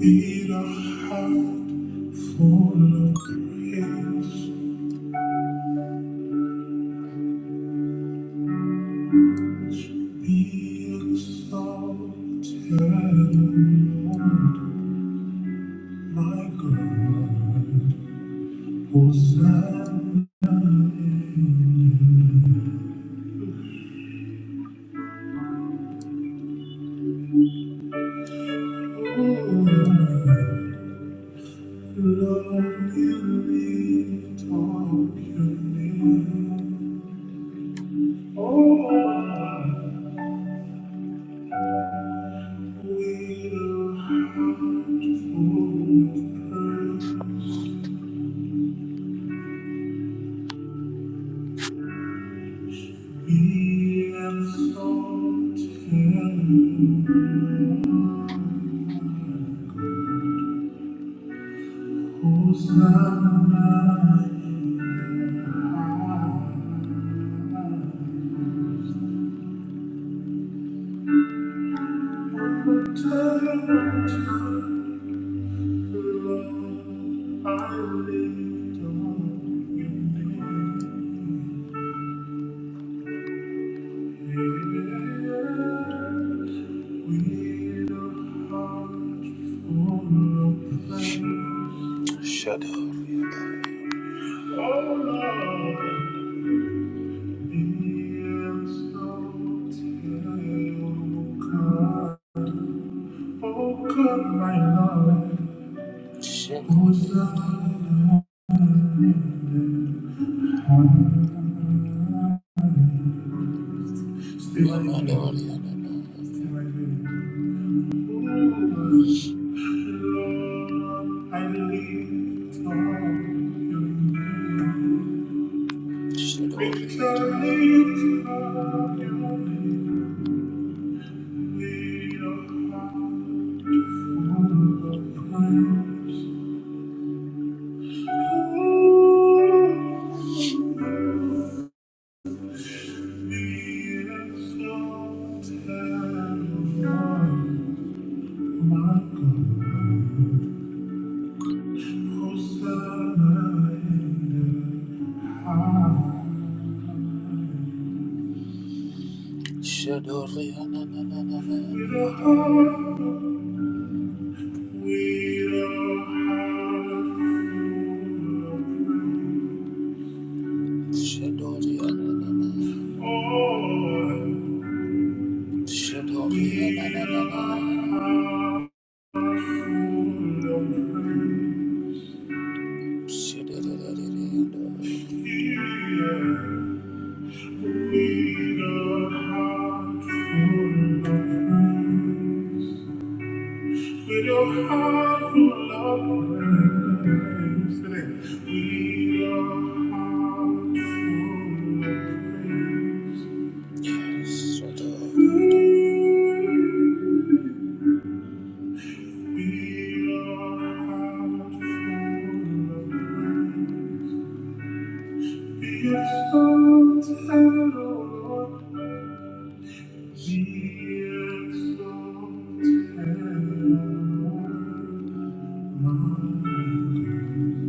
Beat a heart full of praise. Be exalted, Lord my God. Hosanna, Lord, we lift up your name. Oh, with a heart full of praise. Be exalted, Lord. Hosanna. Shut up. Oh, come, my love. Thank you. Shadoriana, Thank Be exalted, O Lord. Be exalted, O Lord. My God,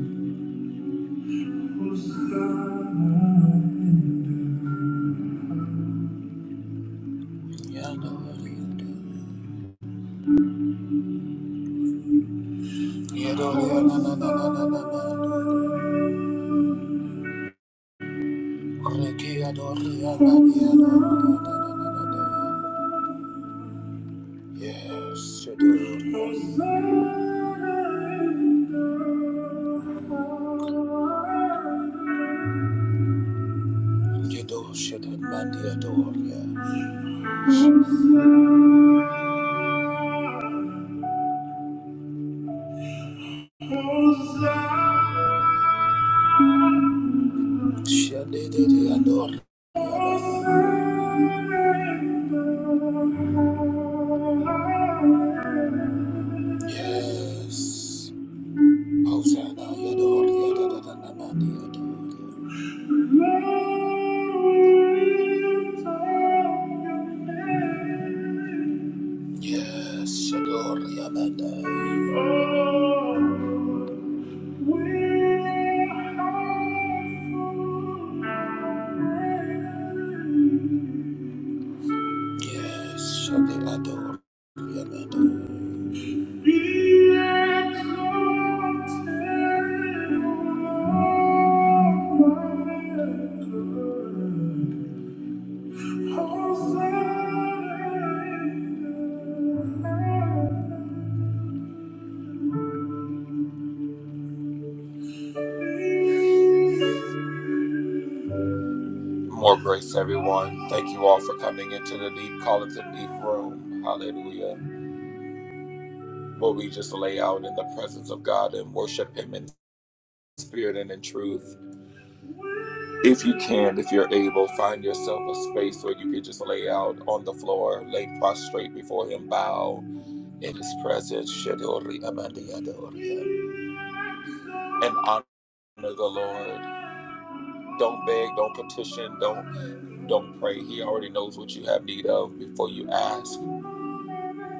Hosanna. Yadori, yadori, na na na na na na. Kreki yadori, yadori, yadori, Yes, Shadori. Hosanna. Yedo Shaddai Bandi Adoria. Shaddai Dede Adoria. Yes. Hosanna Yadoria Dadadana Bandi Yes, Shador Yabadai. Yes, Shadi Ador Yabadai. More grace, everyone. Thank you all for coming into the deep, call it the deep room. Hallelujah. Where we just lay out in the presence of God and worship Him in spirit and in truth. If you can, if you're able, find yourself a space where you can just lay out on the floor, lay prostrate before Him, bow in His presence, and honor the Lord. Don't beg, don't petition, don't don't pray. He already knows what you have need of before you ask.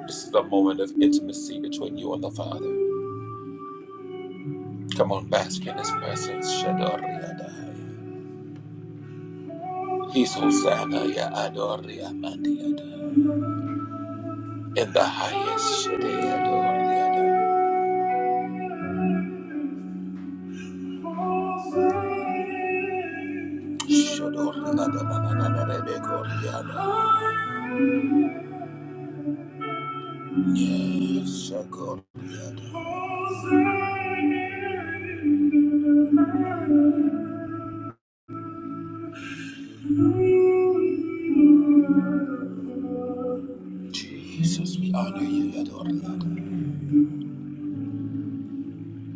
This is a moment of intimacy between you and the Father. Come on, bask in His presence, Shadori Adai. He's Hosanna, Ya Adori Amandi Adai. in the highest. Shadoriana. Shadoriana. Rebekoriana. Yes, Shagoriana. Jesus, we honor you, Yadoriana.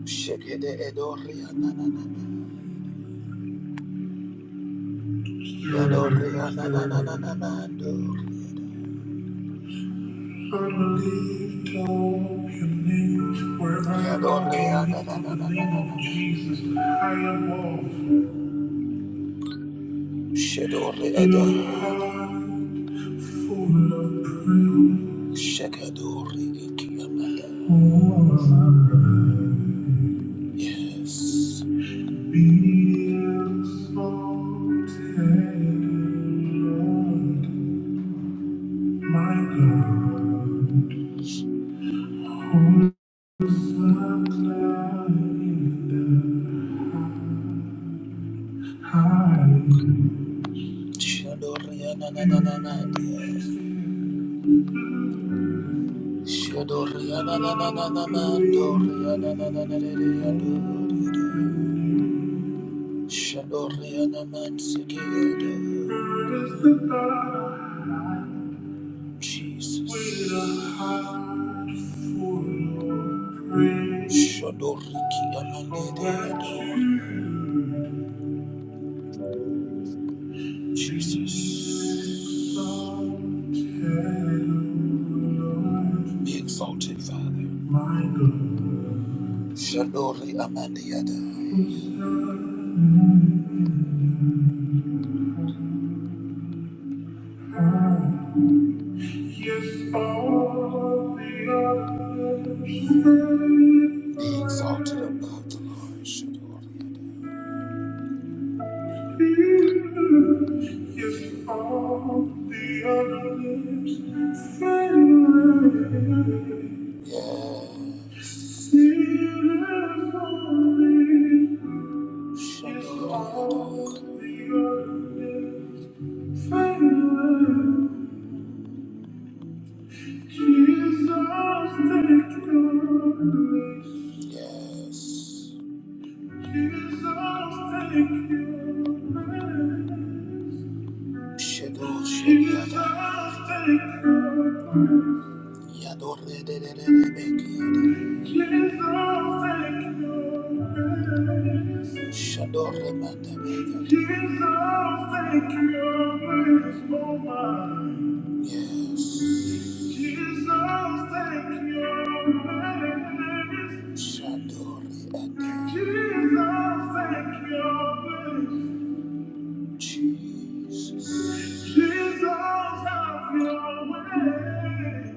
Shekede Edoriana. Yadoriana. Yadoriana. Yadoriana. Shadoriana. Shakudori, yes. Shakudori, na na na na na, yes. Shakudori, na na na na na, man. Shadoriana Mansikeda. Jesus. Shadoriki Amandeda. Jesus. Be exalted, Father. Shadori Amandiada. Be exalted above the Lord. Shadow. Yes. Jesus, take your place. Yes. Jesus, take your place. Shadow, shadow, Yador, Shador, Yes. Jesus, take your place. Jesus, take your place. Jesus. Jesus, your way.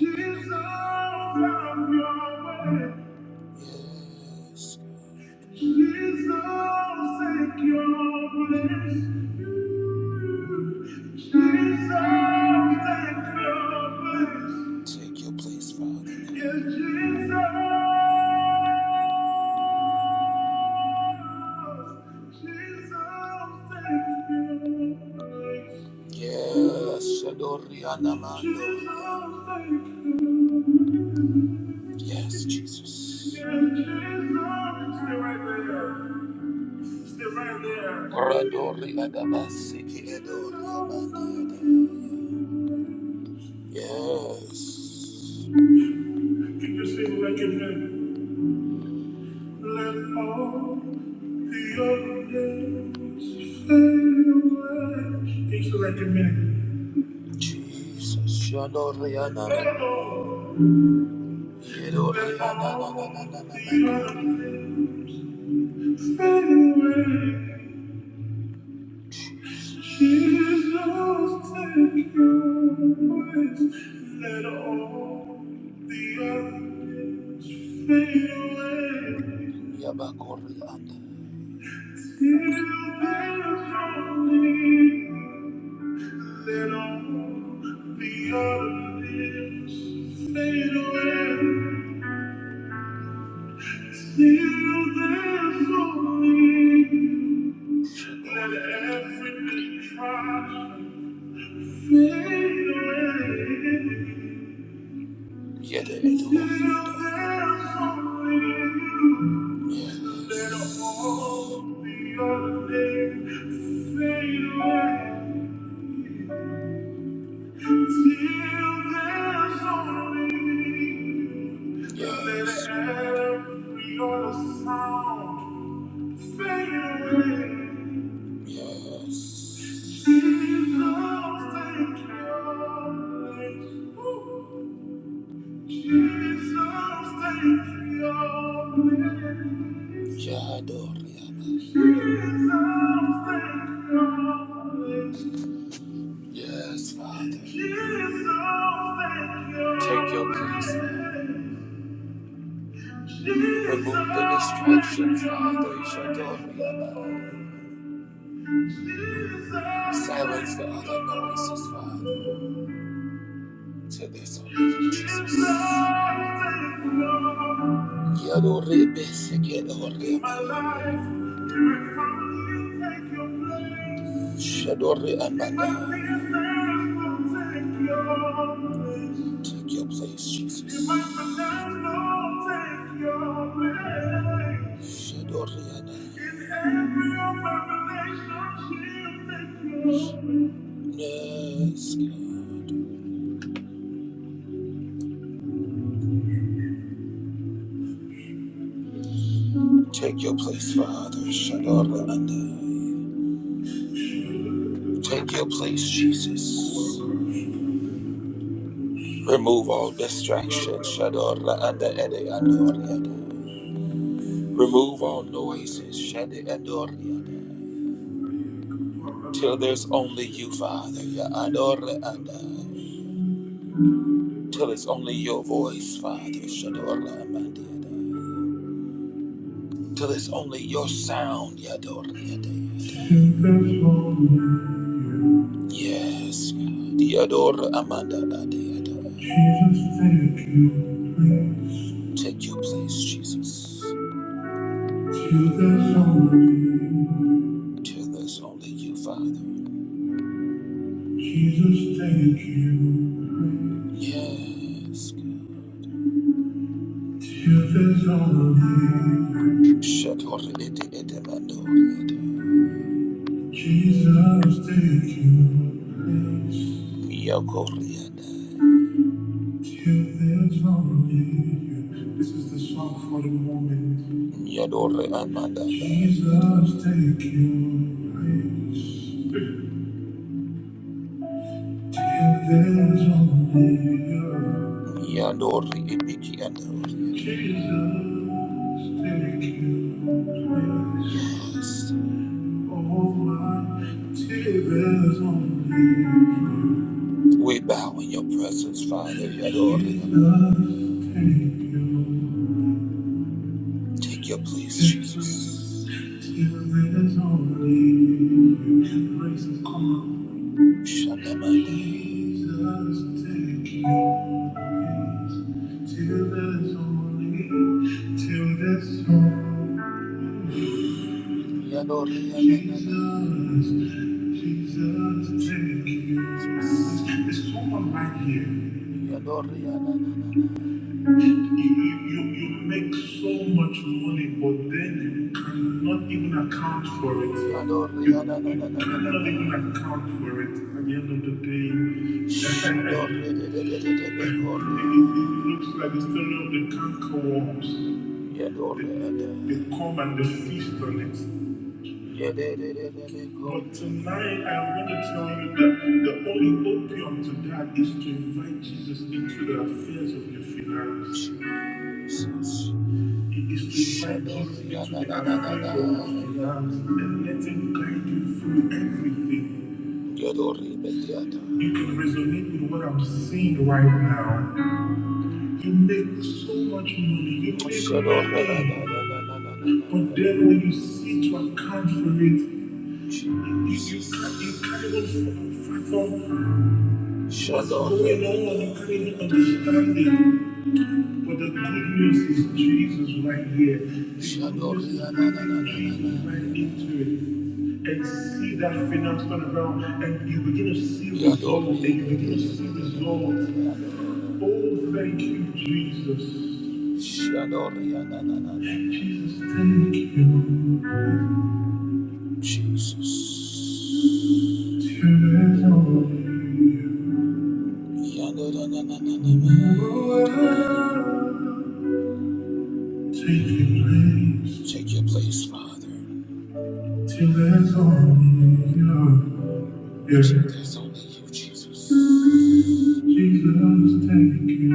Jesus, have your way. Yes. Jesus, take your place. take your place. Father. Yeah, Yes, Shadori Anamando. Jesus, Yes, Yeah, Jesus, stay right there. Yes. Can you sing like it then? Let all the other days fade away. Can you sing like it then? Jesus, Let all the other days fade away. Jesus, take your place. Let all the others fade away. Yabakoria. Till there's only you. Let all the others fade away. Till there's only you. Let everything try to fade away. Yes. Yes, Father. Take your place. Remove the distractions, Father. Silence the other noises, Father. to this one. Yellow ribbons, yellow ribbons. Shadow ribbons. Take your place, Jesus. Shadow ribbons. Yes, God. Take your place, Father. Shadoranda. Take your place, Jesus. Remove all distractions. Shadoranda ede Remove all noises. Shade andoriada. Till there's only you, Father. Ya andoriada. Till it's only your voice, Father. Shadoramanda. Till it's only your sound. Ya andoriada. Yes, God. Amanda Adiada. Take your place. Take your place, Jesus. Till there's only you. Till there's only you, Father. Jesus, take your place. Yes, God. Till there's only you. Shatoredete edemandorede. Jesus, take your place. Yokoriada. You, there's only you. This is the song for the moment. Yadore Amanda. Jesus, take your place. Till there's only you. Yadore Ibiki and Jesus, take your place. We bow in your presence, Father. Yadori. Take your place, Jesus. Shanamande. Jesus, thank you. There's someone right here. You, you, you make so much money, but then you cannot even account for it. You, you cannot even account for it at the end of the day. It looks like the story of the canker worms. They they come and they feast on it. But tonight I want to tell you that the only opium to that is to invite Jesus into the affairs of your finances. Jesus. It is to invite Jesus into the affairs of your finances and let him guide you through everything. You can resonate with what I'm saying right now. You make so much money. You make so much money. But then when you see to account for it, you, you, can't, you can't even fathom what's going on. You can't even understand it. But the good news is Jesus right here. The good news is Jesus right into it. And see that finance turn around, and you begin to see results, and you begin to see results. Oh, thank you, Jesus. Jesus, thank you. Jesus. Tears on you. Take your place. Take your place, Father. Till there's only you. Yeah. Till there's only you, Jesus. Jesus, thank you.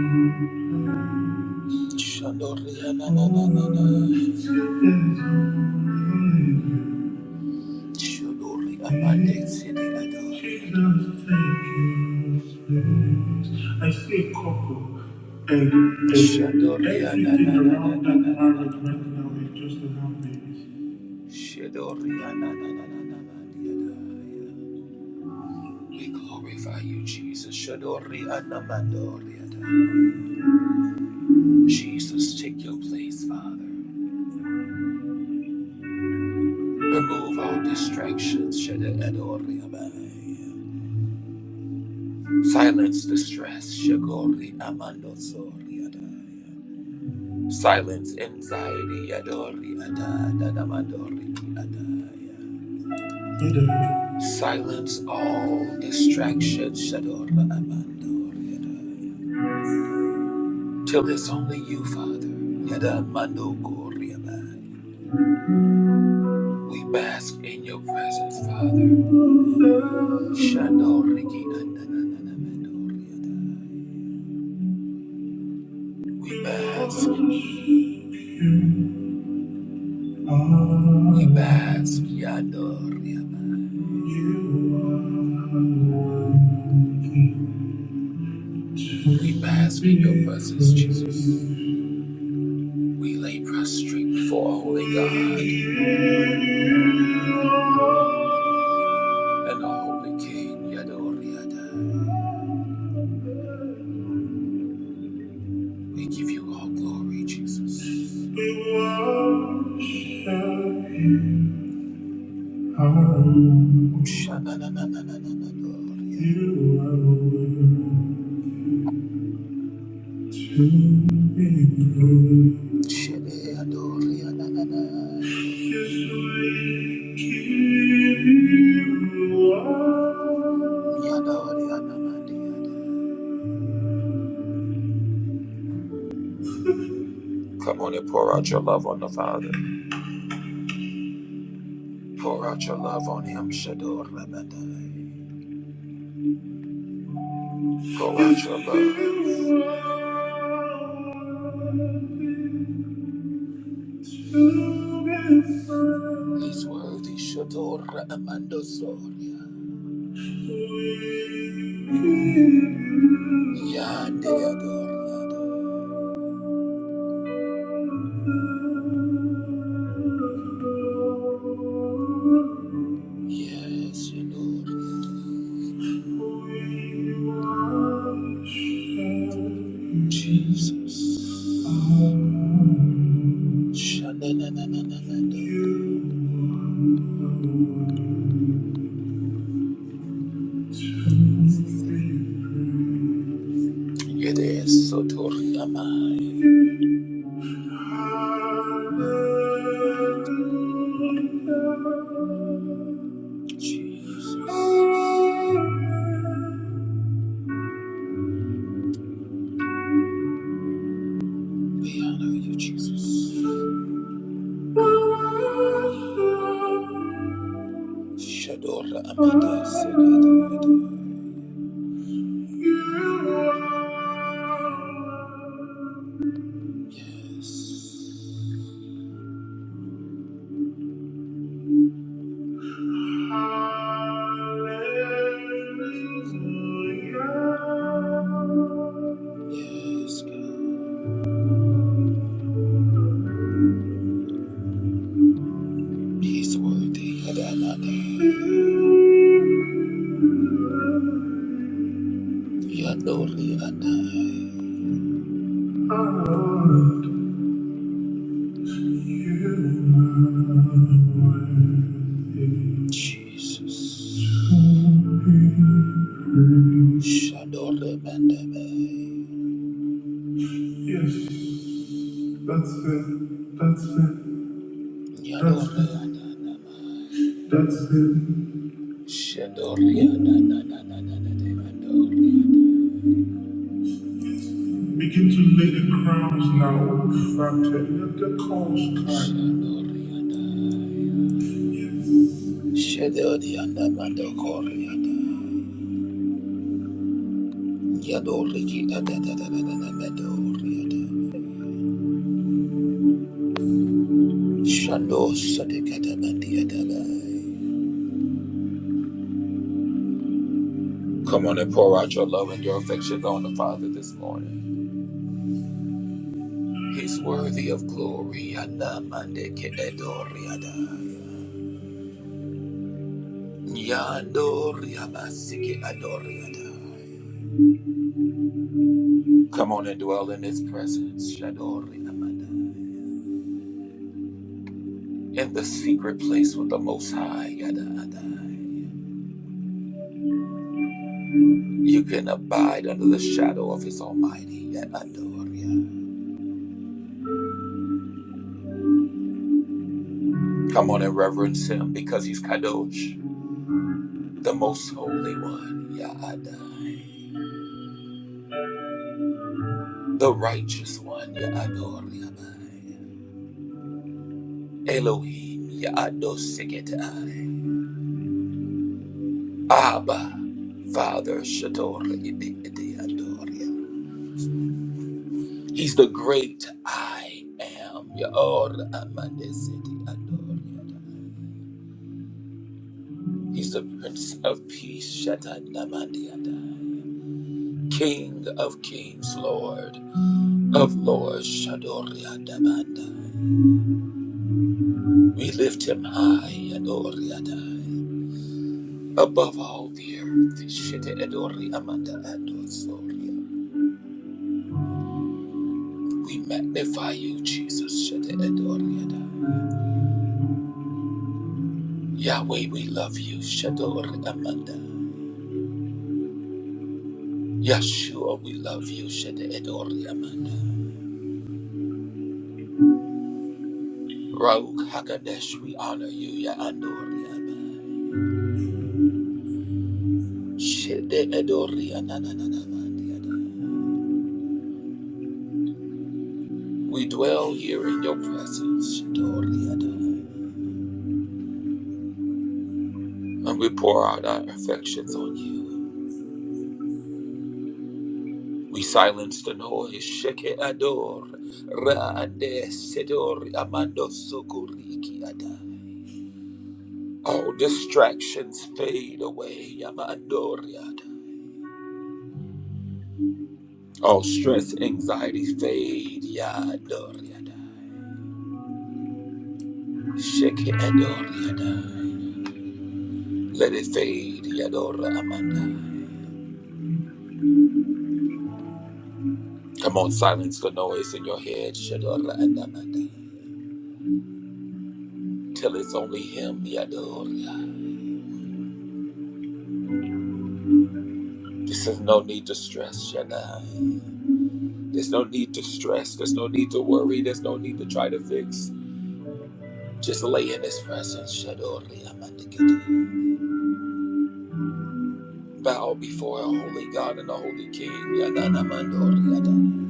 Shadorianna, shadorianna, shadorianna, shadorianna. I'm next in line. Jesus, thank you. Please, I see a couple. Shadorianna, I see you now. I'm right behind you, just around the next. Shadorianna, shadorianna, shadorianna. We glorify you, Jesus. Shadorianna, shadorianna. Jesus, take your place, Father. Remove all distractions, Shede Edori Abai. Silence distress, Shagori Amando Sori Adai. Silence anxiety, Yadori Adai, Dadamandori Adai. Silence all distractions, Shadora Amandori Adai. Till it's only you, Father, Yadamando Gori Abai. We bask in your presence, Father. Shando Riki Andananamandoriadai. We bask in you. We bask Yadoriadai. We bask in your presence, Jesus. We lay prostrate before a holy God and a holy King, Yadoriadai. We give you all glory, Jesus. We worship you. Um, You are worthy to be praised. Yes, we give you all. Come on and pour out your love on the Father. Pour out your love on him. shador ra Pour out your love. He's worthy. shador amando soria Yandeyador, Yes, you Lord. Jesus. Shananananananando. Yedesotoriamai. Jesus. We honor you, Jesus. Shadora Amanda Yes. Yes, God. He's worthy. Adonai. Yadoli Adonai. Jesus. Shadole Mandebe. Yes, that's Him. That's Him. Yadoli Adonai. That's it. Shadoli Adonai. Begin to lay the crowns now, Father. Let the coals come. Shedori anda mando koriada. Yadoriki ada da Shando sadekata mandiada Come on and pour out your love and your affection on the Father this morning. He's worthy of glory. Anda mande ke edoriada. Yandori abasiki Come on and dwell in His presence. Shadori amanda. In the secret place with the Most High. Yada ada. You can abide under the shadow of his almighty yet Come on and reverence him because he's Kadosh, the most holy one, Ya The righteous one, Ya Elohim, Ya Abba, Father, Shador, He's the great I am, Ya Or Amande, He's the Prince of Peace, Shaddai King of kings, Lord of lords, Shadoriadabandai. We lift him high, Adoriadai. Above all the earth, Shete Edori Amanda Adosoria. We magnify you, Jesus, Shete Edoriadai. Yahweh, we love you, Shadori Amanda. Yeshua, we love you, Shete Edori Amanda. Rauk Hakadesh, we honor you, Yaandoriadai. Shete Edori Anananamandi We dwell here in your presence, Shadori Adonai, and we pour out our affections on you. We silence the noise, Sheke Ador, Raande Sedori Amando Sokoriki Adai. All distractions fade away, Yamandori Adai. All stress, anxiety fade, Yadori Adai. Sheke Adori Adai. Let it fade, Yadora Amanda. Come on, silence the noise in your head, Shadora Adamanda. till it's only Him, Yadoria. This is no need to stress, Shaddai. There's no need to stress. There's no need to worry. There's no need to try to fix. Just lay in His presence, Shadoria Mandikita. Bow before a holy God and a holy King, Yadana Mandoriada.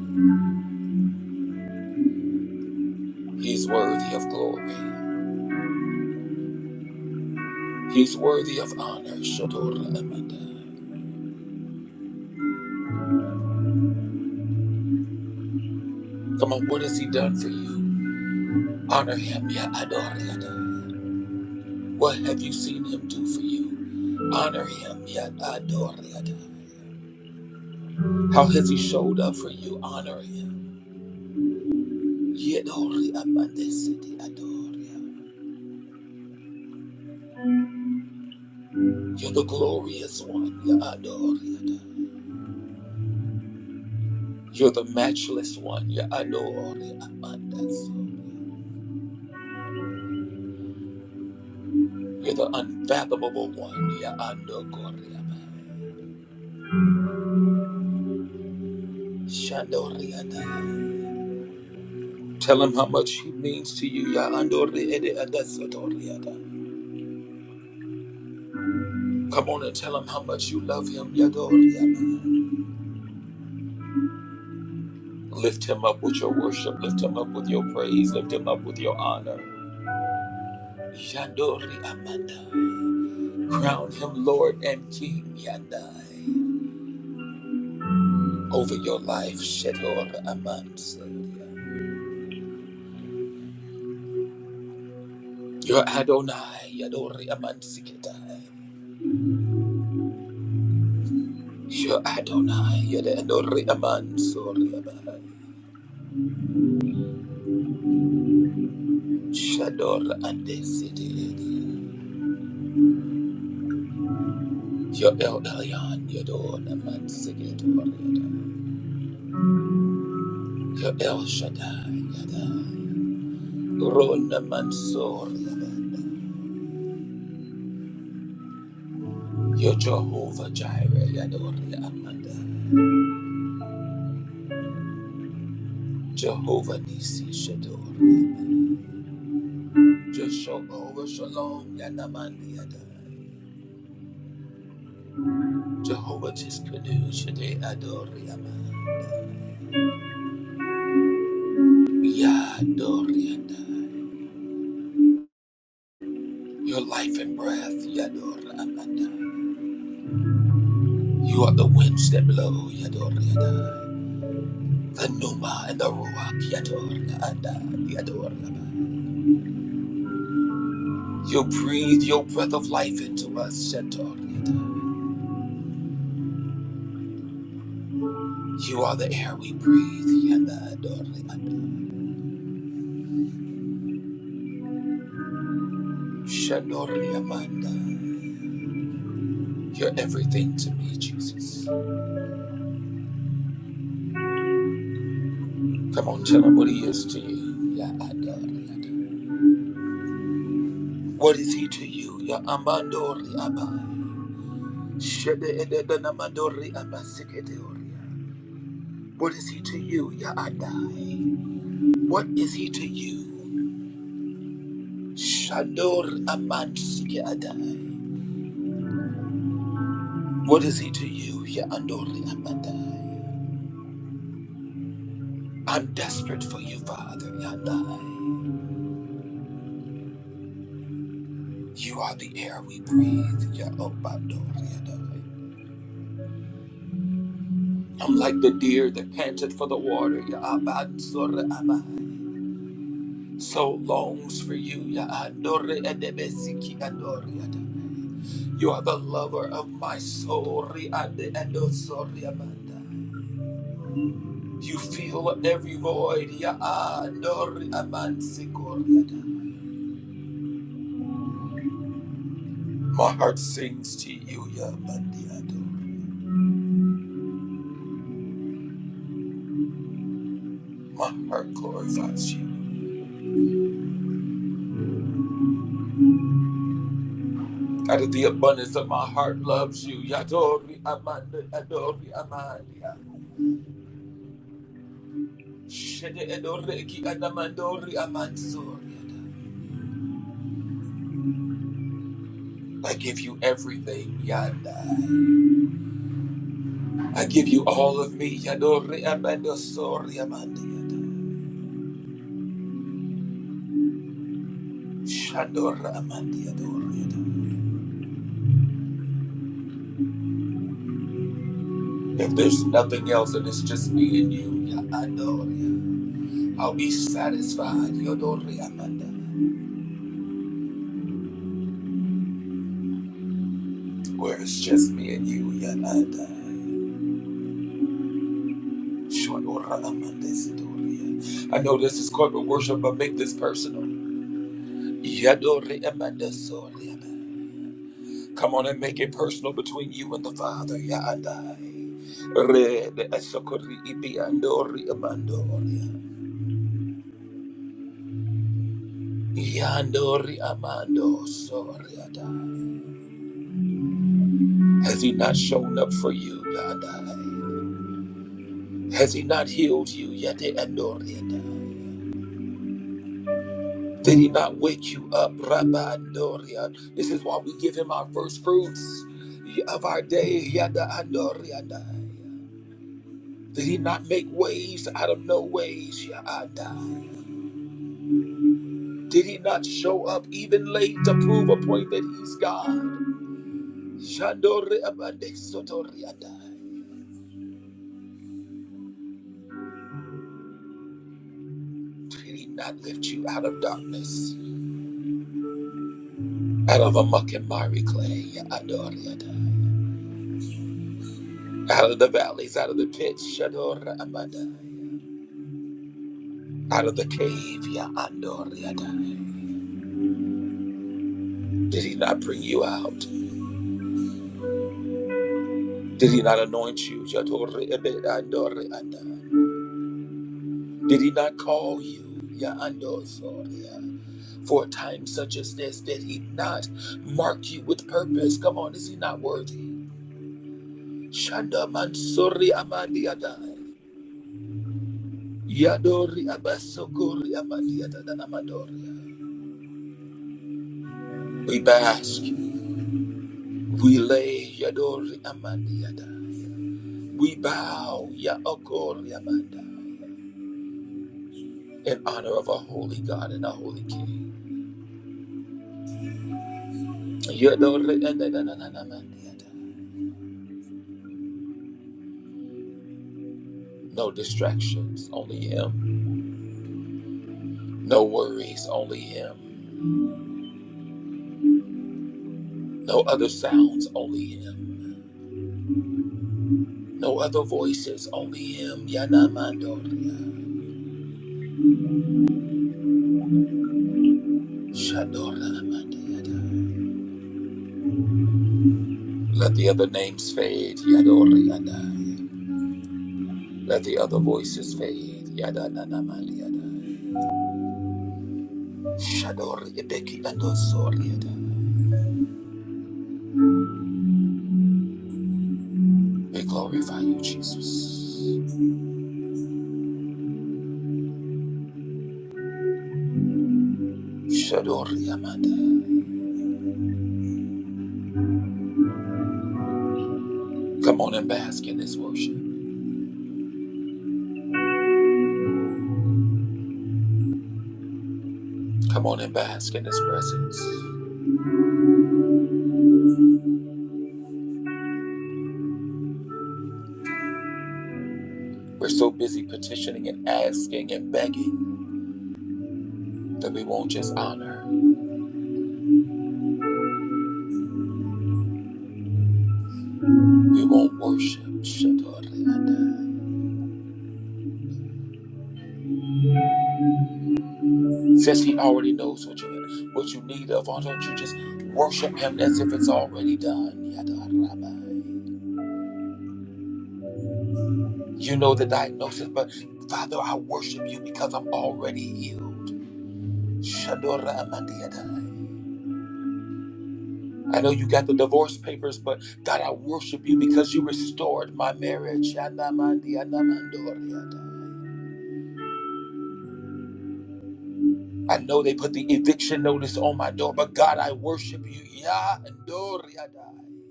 He's worthy of glory. He's worthy of honor, Shadoria Amanda. Come on, what has He done for you? Honor Him, Yadoriada. What have you seen Him do for you? Honor Him, Yadoriada. How has he showed up for you? Honor him. Yedori amande adoria. You're the glorious one. You adore. You're the matchless one. You adore. amande You're the unfathomable one. You adore. Shandori Tell him how much he means to you. Ya andori ede adasodori Come on and tell him how much you love him. Yadori Lift him up with your worship. Lift him up with your praise. Lift him up with your honor. Yandori Amanda. Crown him Lord and King Yandai. Over your life, Shador Amansi. Your Adonai, Yadori Amansikitai. Your Adonai, Yadori Amansoriabai. Shador andesididi. Your El Elyon, Yador Amansikitori. Your El Shaddai, Yadai. Rona Mansour Yabanda. You're Jehovah Jireh Yadori Amanda. Jehovah Nisi Shador. Jehovah Shalom Yanamandi Yadai. Jehovah Tiskanu Shade Adori Amanda. Yadori Yadai. Your life and breath Yador Amanda. You are the winds that blow Yadori Yadai. The Numa and the Ruach Yador Amanda. Yador Yadai. You breathe your breath of life into us, Shatoriada. You are the air we breathe, Yanda Adoriada. Amanda. You're everything to me, Jesus. Come on, tell him what he is to you, What is he to you, What is he to you, Ya What is he to you? Shador Aman Sike What is he to you, Ya Andoli Amandai? I'm desperate for you, Father Yandai. You are the air we breathe, Ya Obandoli Adai. I'm like the deer that panted for the water, Ya Abansore Amai. So longs for you, Ya Andori Edebesiki Andori Adai. You are the lover of my soul, Riande Andosori Amandai. You fill every void, Ya Andori Amansikori Adai. My heart sings to you, Yabandiado. My heart glorifies you. Out of the abundance of my heart loves you. Yadori Amanda Adori Amandia. Shede Edoreki Adamandori Amansoriada. I give you everything, Yanda. I give you all of me, Yadori amandosori, Sori Amandiada. Shandora Amandiadoriada. If there's nothing else and it's just me and you, Yadoria. I'll be satisfied, Yodori Amanda, where it's just me and you, Yanada. Shonora Amanda Sidori. I know this is corporate worship, but make this personal. Yadori Amanda Sori Come on and make it personal between you and the Father, Yadai. Red Esokori Ibi Andori Amandoria. Yandori Amando Sori Has he not shown up for you, Yadai? Has he not healed you yet? Andorian? Did he not wake you up, Rabbi This is why we give him our first fruits of our day, Yada Andorian. Did he not make ways out of no ways, Yada? Did he not show up even late to prove a point that he's God? Shandori Did he not lift you out of darkness, out of a muck and miry clay, Yada? Out of the valleys, out of the pits, Shador Amandai. Out of the cave, Ya Andor Yadai. Did he not bring you out? Did he not anoint you? Shador Ebe Andor Yadai. Did he not call you? Ya Andor Soria. For a time such as this, did he not mark you with purpose? Come on, is he not worthy? Shanda Mansuri Amandi Yadai. Yadori Abasokori Amandi Yadai Amadoria. We bask. We lay Yadori Amaniada. We bow Yaokori Amanda in honor of our holy God and our holy King. Yadori Ananananamandiada. No distractions, only Him. No worries, only Him. No other sounds, only Him. No other voices, only Him. Yanamandoria. Shadora Amandiada. Let the other names fade. Yadori Anai. Let the other voices fade. Yada na na ma yada. Shadoriadeki Adosoriada. We glorify you, Jesus. Shadoriamada. Come on and bask in this worship. Come on and bask in this presence. We're so busy petitioning and asking and begging that we won't just honor, we won't worship. Shadoriada. Says he already knows what you what you need of. Why don't you just worship him as if it's already done? Yadarabai. You know the diagnosis, but Father, I worship you because I'm already healed. Shadora Amandiadai. I know you got the divorce papers, but God, I worship you because you restored my marriage. Shanamandi Anamandoriadai. I know they put the eviction notice on my door, but God, I worship you. Yandoriadai,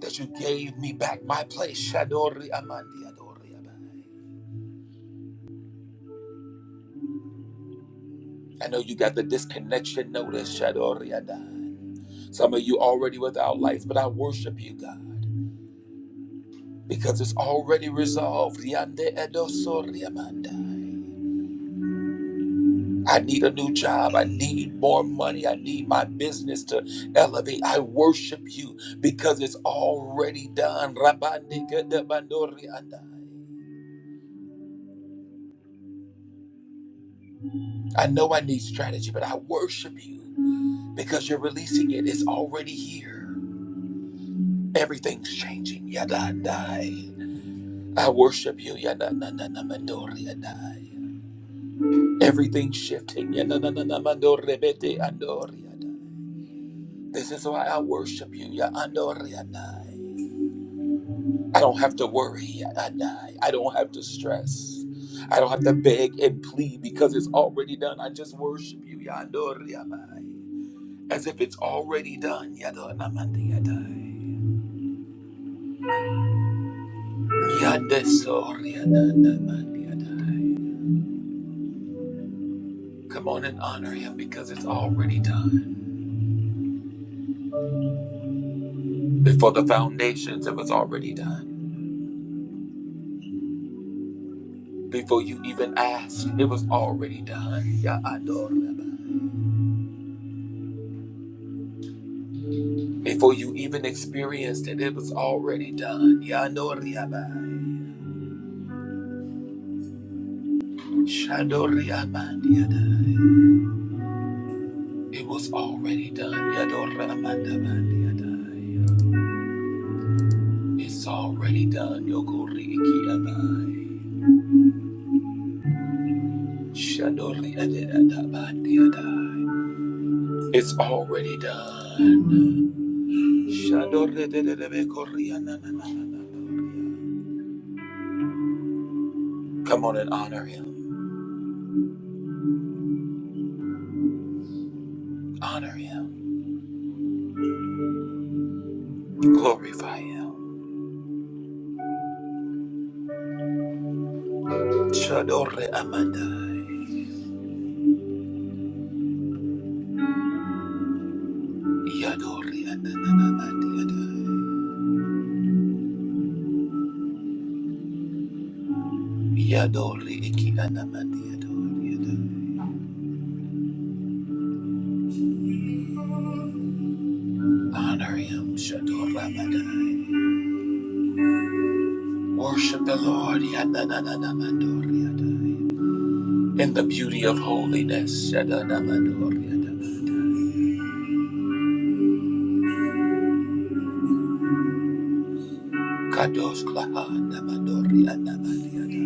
That you gave me back my place. Shadori Amandiadoriadai. I know you got the disconnection notice, Shadoriadai. Some of you already without lights, but I worship you, God, because it's already resolved. Yande edosoriamandai. I need a new job. I need more money. I need my business to elevate. I worship you because it's already done. Rabandikedebandoriandai. I know I need strategy, but I worship you because you're releasing it. It's already here. Everything's changing. Yadandai. I worship you. Yana na na na mandori adai. Everything shifting. Yana na na na mandori yeah, bete andori This is why I worship you. Ya andori adai. I don't have to worry. adai. I don't have to stress. I don't have to beg and plead because it's already done. I just worship you. Ya andori adai. As if it's already done. Yada na mandi adai. Yada sori adai na mandi adai. Come on and honor him because it's already done. Before the foundations, it was already done. Before you even asked, it was already done. Ya adoraba. Before you even experienced it, it was already done. Ya adoriaba. Shadoriamandiadai. It was already done. Ya adoramandamandiadai. It's already done. Yokoriikiabai. Shadoriadadabandiadai. It's already done. Come on and honor him. Honor him. Glorify him. Shadore amandai. Yadori anananamadiadai. Yadori iki anamadiadoriadai. Honor him. shadore Shadoramadai. Worship the Lord. Yananananamadoriadai. In the beauty of holiness. Shadanamadoriadai. Kadosh klaha namadori anamadiadai.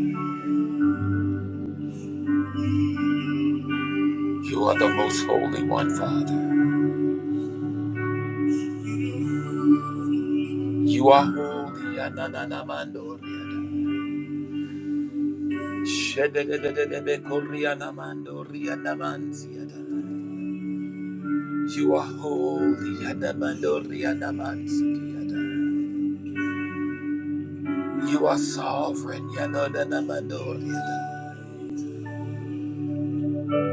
You are the most holy one, Father. You are holy. Ananamandoriada. shedededededebekorianamandoria You are holy. Anamandorianamansikiada. You are sovereign. Yanodanamandoria.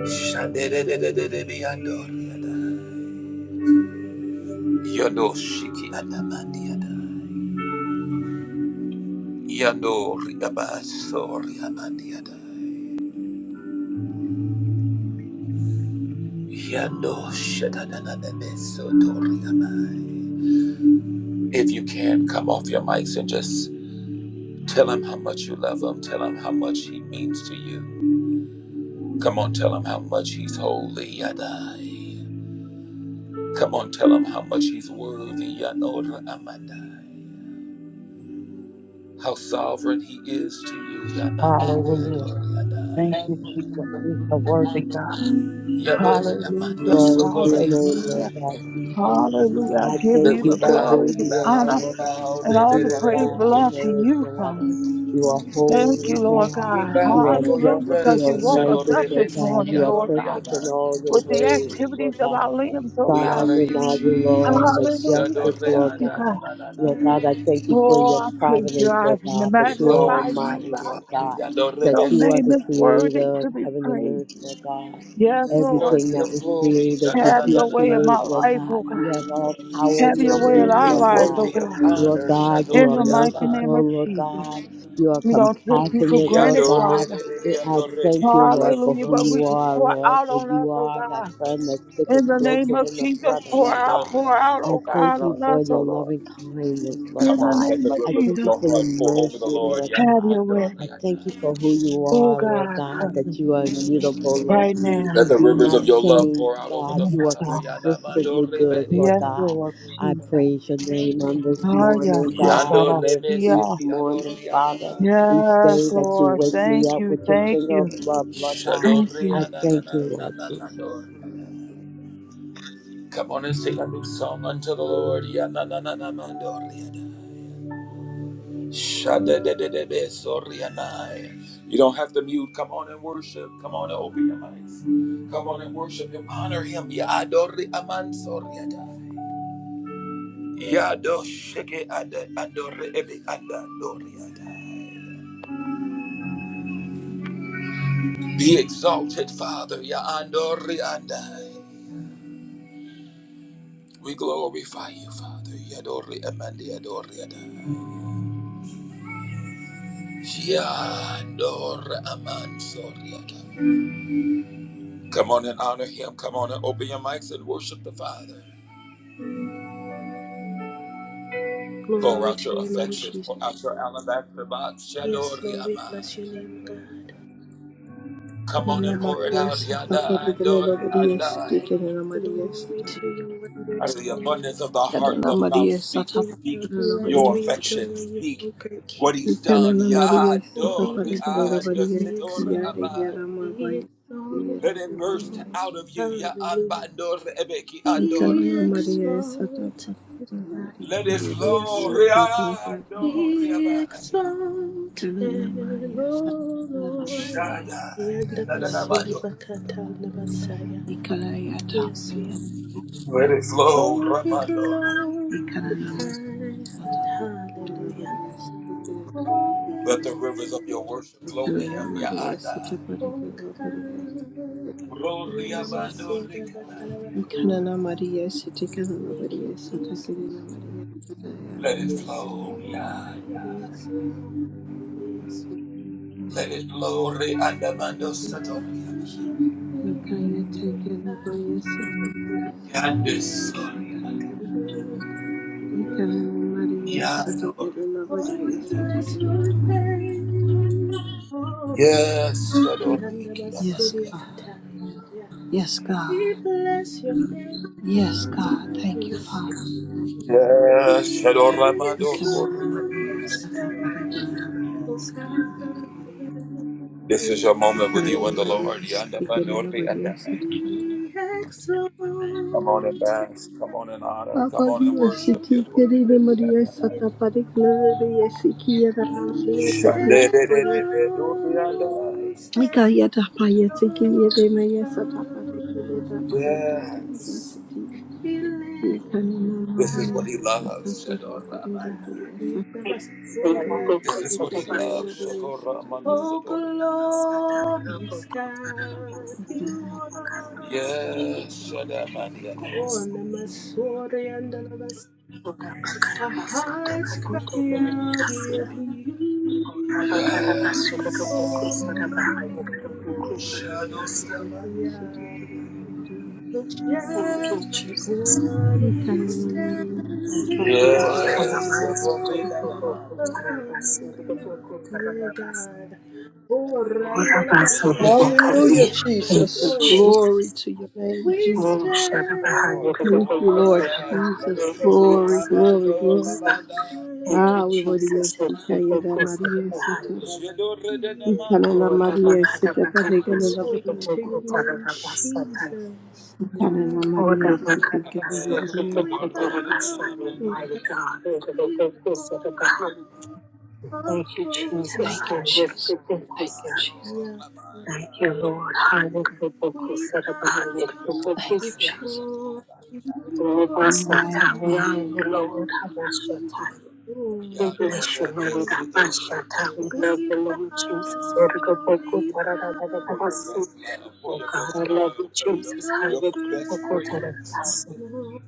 Shadedededededebeyandoriada. Yodoshiki anamandiada. Yandoriabasoriamandiada. If you can, come off your mics and just tell him how much you love him. Tell him how much he means to you. Come on, tell him how much he's holy. Yadai. Come on, tell him how much he's worthy. Yanora amandai. How sovereign he is to you. Hallelujah. Hallelujah. Thank you, Thank Jesus. He's a worthy God. you, Hallelujah. Jesus. Glory to your name, Lord Hallelujah. God Jesus. Hallelujah. I I give That you thank you we the for bow, who glory, we the you are, bow, honor, we Lord God, bow. and because all you the are praise God belong and to there is you, no other. Father. You are Thank holy, you, Lord God. We God. bow You are before your Hallelujah. just. Because You you are presence, woke us Shadore up righteous, Lord this God. Betsiki morning, You are Lord Adore God, perfect in all your with Adonai. the ways, activities Lord of God our limbs, oh We God. honor sovereign you, are you, Lord, Jesus. Hallelujah. Shadore majestic, Thank Lord you, God. God. Lord God, I thank Adonai. you for Oh, your I praise you. providence, I Lord God, that We you are magnify glorify you, you, almighty, God. Lord Father. God, Yadore that Your you Betsi are name the is Adonai. worthy creator of to be heaven and praised. earth, Lord God. Yes, He's Lord. Everything worthy that of was glory. created, that Have you your way in my create, Lord life, Yadadadadadadai. oh God. God. You have all power in Have your your way in hands, our Lord He's lives, oh God. worthy God. of Lord honor. God, you In are the Shadore mighty name of merciful, Adonai. Lord Jesus. God. You are We don't take you for compassionate, Lord granted, God. Yadore Father. Adonai, I Yadore thank you, Adonai, Lord, for Hallelujah. who Yadore But you we are, Adonai. pour Lord, out for on us, you oh are that God. friend that In sticketh the name closer of than a Jesus, brother, pour Lord out, Shadore God. pour out, I oh thank God, you on for us, oh your Lord. loving kindness, Lord Come In the on, God. let name the of I rivers of thank you Jesus, your for your heart pour over the mercy, Lord. Lord have God. your way. Yanamando I thank you for who reyana. you Oh are, Lord God, touch God, us that you are immutable, Lord. right now. Let You the do rivers not of your love change, pour out over God. the Yes, You are Father. God. consistently Yanamando good, Lord Yes, God. remediana. Lord I Jesus. praise your name on this Oh, yeah, morning, God, God, God, I Yando and it's see ya. each remeseki morning, Father adoriana. each Yes, day that you Lord. wake me Thank up you. with your Thank finger you. of love, Lord God. Thank I you, Shadoriana thank you, Lord Jesus. Come on and sing a new song unto the Lord. Yanananamando reyana. Shadadadadabe sorianai. You don't have to mute. Come on and worship. Come on and open your eyes. Come on and worship him. Honor him. Yadori aman soriadai. Yadoshike ada- adore ebe anda doriadai. Be exalted, Father. Yaandori andai. We glorify you, Father. Yadori amandi adoriadai. Yadori aman soriadai. Come on and honor him. Come on and open your mics and worship the Father. Pour Glory out to your your name, affection. Jesus. Pour out your alabaster box. Yes, Shadori Lord, we bless your Amai. name, God. Come on Ana and pour it Maria Hallelujah to out. Sata your name. Yada Parigana Andori Maria City Andai. Canana Maria Glory Sata to your Out wondrous of the name, abundance of the Father. heart, Canana the mouth Maria speaks. Sata We love Speak you Parigana and your Maria we City affection. adore you, Speak O great what King. he's done. Canana Maria Oh, Sata be Yadori Parigana exalted, Maria be Andori Yare exalted, Yara Amai. be Mabai Let Yare it exalted, burst Lord. Maria out of you. Ya Hallelujah. Ambandori Ebeki Be Canana Andoria. Maria Sata exalted, Parigana God. Let it Maria Yes, flow. Yara Lord. Sata Parigana Riandoria Be Canana exalted, Maria Sata O Parigana Lord. Maria Shada. Maria Sata Yadadabandori. Yandabasulibakatalabasaya. Ikaraya Yes, Lord. Tapaya Let it Maria flow, Oh, Sata be Ramandori. Ikanana glorified. Satapa Hallelujah. Nobodies Oh, be Let the Ikanana rivers of lifted. your worship flow to him, high. Maria Yada. Satapari Oh, Nobodies Let come. Yandamasurabatalabakunisaya. Ikanana Maria Sitikana Thank you, Nobodies Jesus. Satakirina Maria Satayala it Yes, Yasike flow, Lord. Yala Maria Yada. Yes, Sata Lord. Yes, Let it Lord. flow, Re Andamando We Satori. worship you, Ikaya O Take God. Nobodia Sitikana We Maria honor Sata Yandesori. you in Ikanana all Maria Sitikana Yadori. Oh, Nobodia bless your Satakirina Maria Sata name. Oh, Yes, Shadori. Yanda Yes Basuria God Kataya. Yes God We bless your name. Yes, God. Thank you, Yes, Father. Yes, be Shador We Ramando come in the mighty Kori. name of Satan, Father, exalted, the mighty of O the mighty God. This is your Yanda moment with you and the Basuria. Lord, We come Yandamando in the Re mighty name of Satan, Andamando. come in the mighty name of Be Come on and exalted. bask. Come on and Satan, come honor. in. Abba, Come on and dear worship. Lord, Satan, come Yes. the mighty name of be Satan, Father, come in the mighty name of exalted, Satan, come the mighty name come in the mighty name of Satan. We come here to pray, yes, come here Lord. yes, yes, yes, Be lifted We come in the This mighty is what name of he Satan, high. loves. Father, come in the This mighty Yeah, the basura de la is what he Messiah. loves. of Satan, come Oh, glorious God, Hallelujah, you are. Yes. Oh, Namasori and Our hearts cry out, You're Yes. Thank beautiful, you, Lord. Yeah, majestic Jesus. one, we stand in awe of you, yeah, God. Oh, Randala Basule, Jesus. Victoria, Glory to your name, we Oh, Jesus. Shada Bahaya, stand Lord, Rada in Thank you, Boko, Lord, awe. Lord Shada Jesus. Glory, yes. glory, glory. yeah. Thank Ah, you, we were the Jesus, Sika Rada Yada Boko, Shada Maria Sota. Bahaya. Jedo Yeah, redenemando, Ikanana Oh, the Maria Bakada Rianamanda. Sita Bakada, Padegala glory Shada Lavaria to Sita. Boko, your name, Shada Basata. Jesus. Ikanana Oh, the Maria Sita Bakada Eh, Gala Oh, Lavaria Basata, we Boko, Shedo Sita. Shada Basata, bow, redenemando. we bow mighty God, Rada Boko, Shada Bahaya. before a Thank you, holy Jesus, Thank you, God. Rada Jesus. Boko, Thank you, Jesus. Shada. Yeah, Thank you, Lord, Rada Boko, we Shada Bahaya, bow Rada Boko, Thank you, Shada. Jesus. before you, Lord, we bless My holy you, God, Lord. King. Abashata. Glorious King. We love We the Lord Jesus. bow, Ergoboko we tararararabasi. bow, Oh God, I love bow you, in Jesus. your Ergoboko presence, tarararabasi. Lord.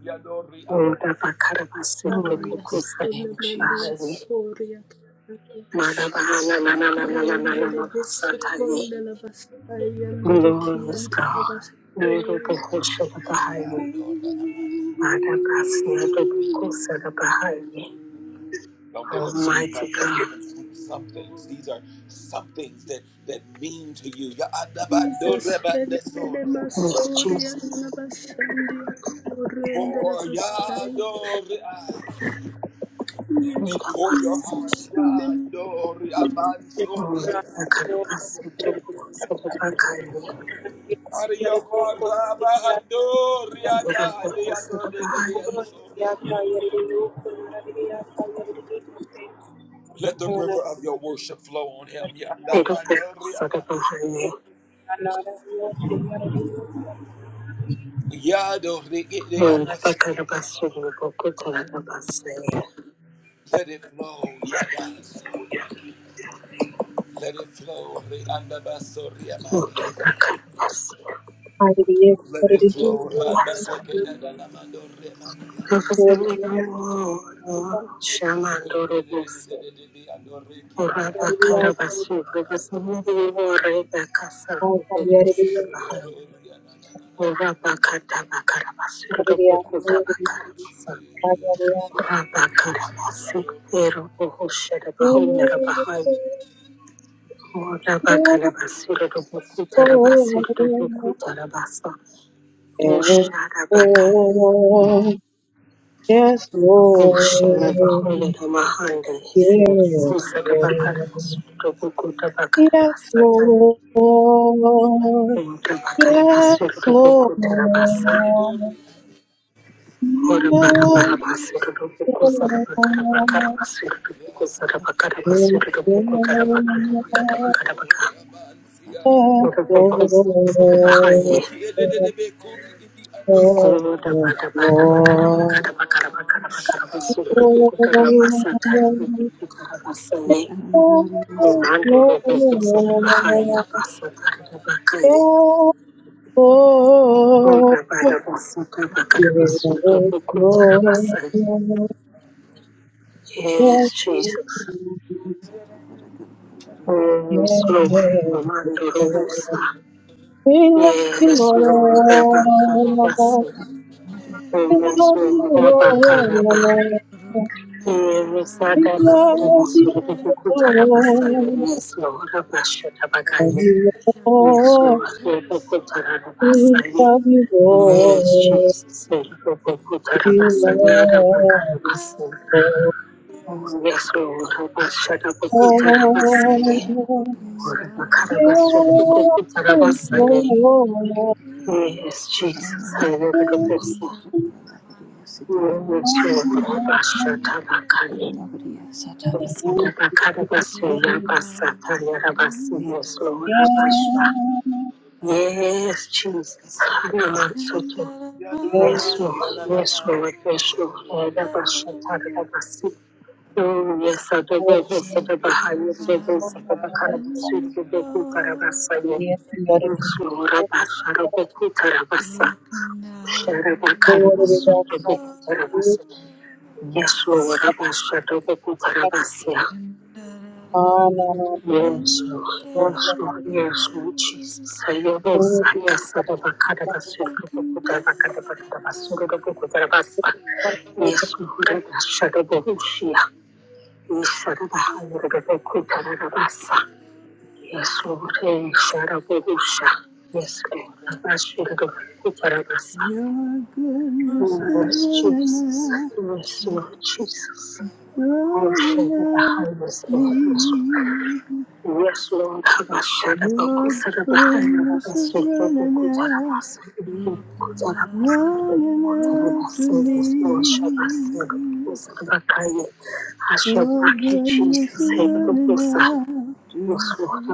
Oh, rabakarabasi. glory Haya to Ergoboko Your sulle Name Jesus. mandia sarabahari. soria caia. Manabahana na na na na na na Prende na le na besso basataye. con la bastaia di le Glorious chianti la God. bastoia. Nidobokoshadabahaye. Adabasinyadobokoshadabahaye. Don't give up soon. Almighty God. Don't God. give up sweet somethings. These are somethings that that mean to you. Ya adabando Jesus, rebande sore. enele Yes, masoria Jesus. nella bastandia corrende la For ya bastaia. adore I. For your Yes, Nidobasin- heart. Ya Jesus, adore aman sore. Mm, Akadabasinyadobokoshadabahaye. out of your heart. Rabahadorianda, Adeyandoriandorianda. Let the river of your worship flow on him. Yandabandorianda. Yadoriandorianda. Let it flow. Yada. Let it flow. Hallelujah. Let it Hallelujah. flow. Hallelujah. Hallelujah. Hallelujah. Hallelujah. Hallelujah. Hallelujah. Rabakana basura do Hallelujah. bokuta rabasura do Hallelujah. bokuta rabasa. And Usharabaka. oh, yes, Lord, Usharabahulidamahande. yes, Lord, Usarabakarabasu. yes, Ukutabakarabasataye. Lord, Utabakarabasuru. yes, Ukutarabasa. Ora bara Lord, bara basura do buku sara yes, bakara Lord. bakara basura do buku sara bakara We basura do love buku you, kara bakara bakara Lord. bakara bakara. Ora buku sara bahai. Ora bara bara bakara bakara bakara bakara bakara basura do buku kara basa do buku kara basa ye. Komando do buku sara bahai basa kara do Ora bara basura bakara basura do buku kara basa Yes, Jesus. Yes, Lord. Amando Robusta. We Yes, Lord. Rabba Karabasi. Yes, love Lord. Rabba Karaba. you, Lord. Yes, We Rabba love Karabasu. you, Rubuku Karabasa. Lord. Yes, Lord. Rabba Love Shadabagaya. you, Yes, Lord. Lord. Rubuku Karabasa. We love you, Yes, Lord. Jesus. Rubuku We Karabasa. Rabba love you, Karabasa. Lord. Yes, Lord. Rabba Shadabuku Karabasa. Lord, Yes, Lord. Yes, Jesus. I will go to Bosnia. You will show all Basha Tabakani. We Yes, Lord. Abasha. Yes, Yes, Jesus. Hanaman Soto. Yes, Lord. Yes, Lord. Yes, Lord. Yes, Lord. Oh, yes, I do. Yes, I do. I am the best. I do. Karabasur, the Beku Karabasa. Lord. Yes, Lord. Rabasa, the Beku Karabasa. Sharaba Karabasur, the Beku Karabasa. Yes, Lord. Rabasa, the Beku Yes, Karabasa. Lord. Yes, Lord. Oh, Yes, Lord. Yes, Lord Jesus. I love us. Yes, I love us. I love us. I love us. I love us. I love us. I love us. Yes, Lord. I love us. Yes, I love us. I love us. Yes, Lord. Hey, Sharabusha. Yes, Lord. I love us. I love us. Your goodness is Yes, Jesus. running Yes, Lord Jesus. out, Oh, running out Sharabusha. Yes, me. Lord. Yes, Yes, Lord, I shall back Your goodness is running out, running after me. Your you, goodness Jesus. is Yes, running Lord, after,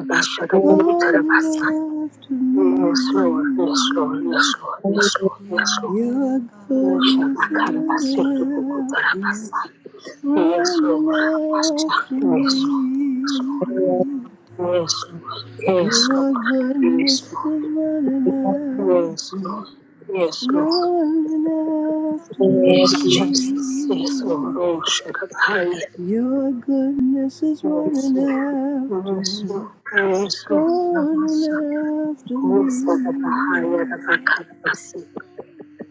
I shall back you, running after Yes, Lord, yes, Lord, yes, Lord, me. yes, Lord, yes, Lord. Yes, Your goodness is running after, Lord, running yes, after Lord, yes, Lord. me. Yes, Lord. Yes, Lord. Your Yes, goodness Lord. is running Yes, after, Lord. Yes, Lord. running after Yes, me. Jesus. Yes, Lord. Oh, shut up. Hi. Yes, Your goodness is Lord. Yes, running Lord. Yes, after. Lord. Yes, Lord. running after Oh, for the Bahia, the me. Baka, the Basi.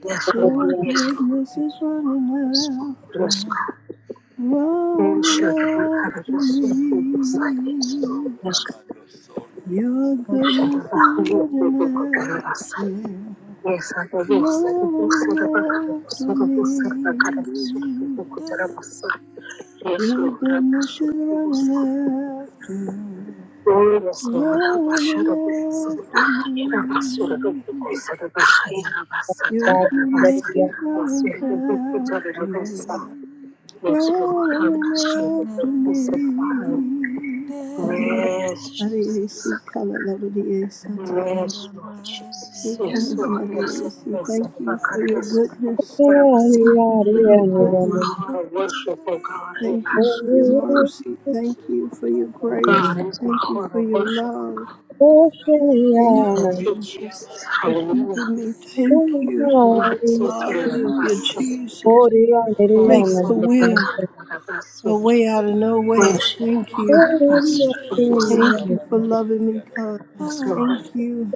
Yes, Lord. Your Yes, Lord. goodness is Yes, running Lord. after, Yes, Lord. Oh, shut up. running Baka, after Oh, yes, Lord. Yes, me. Lord. Your Oh, shut goodness up. is Bahia, running the Baka, after, the Basi. Yes, I do. Yes, I do. Yes, I do. running Yes, after I do. me. Yes, I do. Yes, I do. Yes, I Your do. goodness is Yes, running after, I do. Yes, I do. Yes, I do. running after Yes, I do. me. Yes, I do. Your goodness is Yes, I running do. Yes, I do. Yes, I do. after, Yes, I do. Yes, I running after do. Yes, I do. Yes, I me. do. Yes, Maria I do. C. Kala Labadia Sata. Yes, Lord E Jesus. Yes, Kala Lord. Yes, Maria Lord. C. Yes, Thank Lord. I you for cut your this and look goodness. at what I Thank you for your Oh, my goodness. heart of worship, oh God, oh Thank you for your gosh. mercy. Thank you for your Oh grace. God, is my Thank you heart for of your worship, oh love. God. Thank Thank you, you Jesus. for Hallelujah. keeping me. Thank you. Lord, so good, I Hallelujah, bless Jesus. Oh, Make it so the good, my will. God, I bless A you. way out of no way. Thank oh you. God, bless you. Thank you for loving me, God. Yes, Lord. Thank you.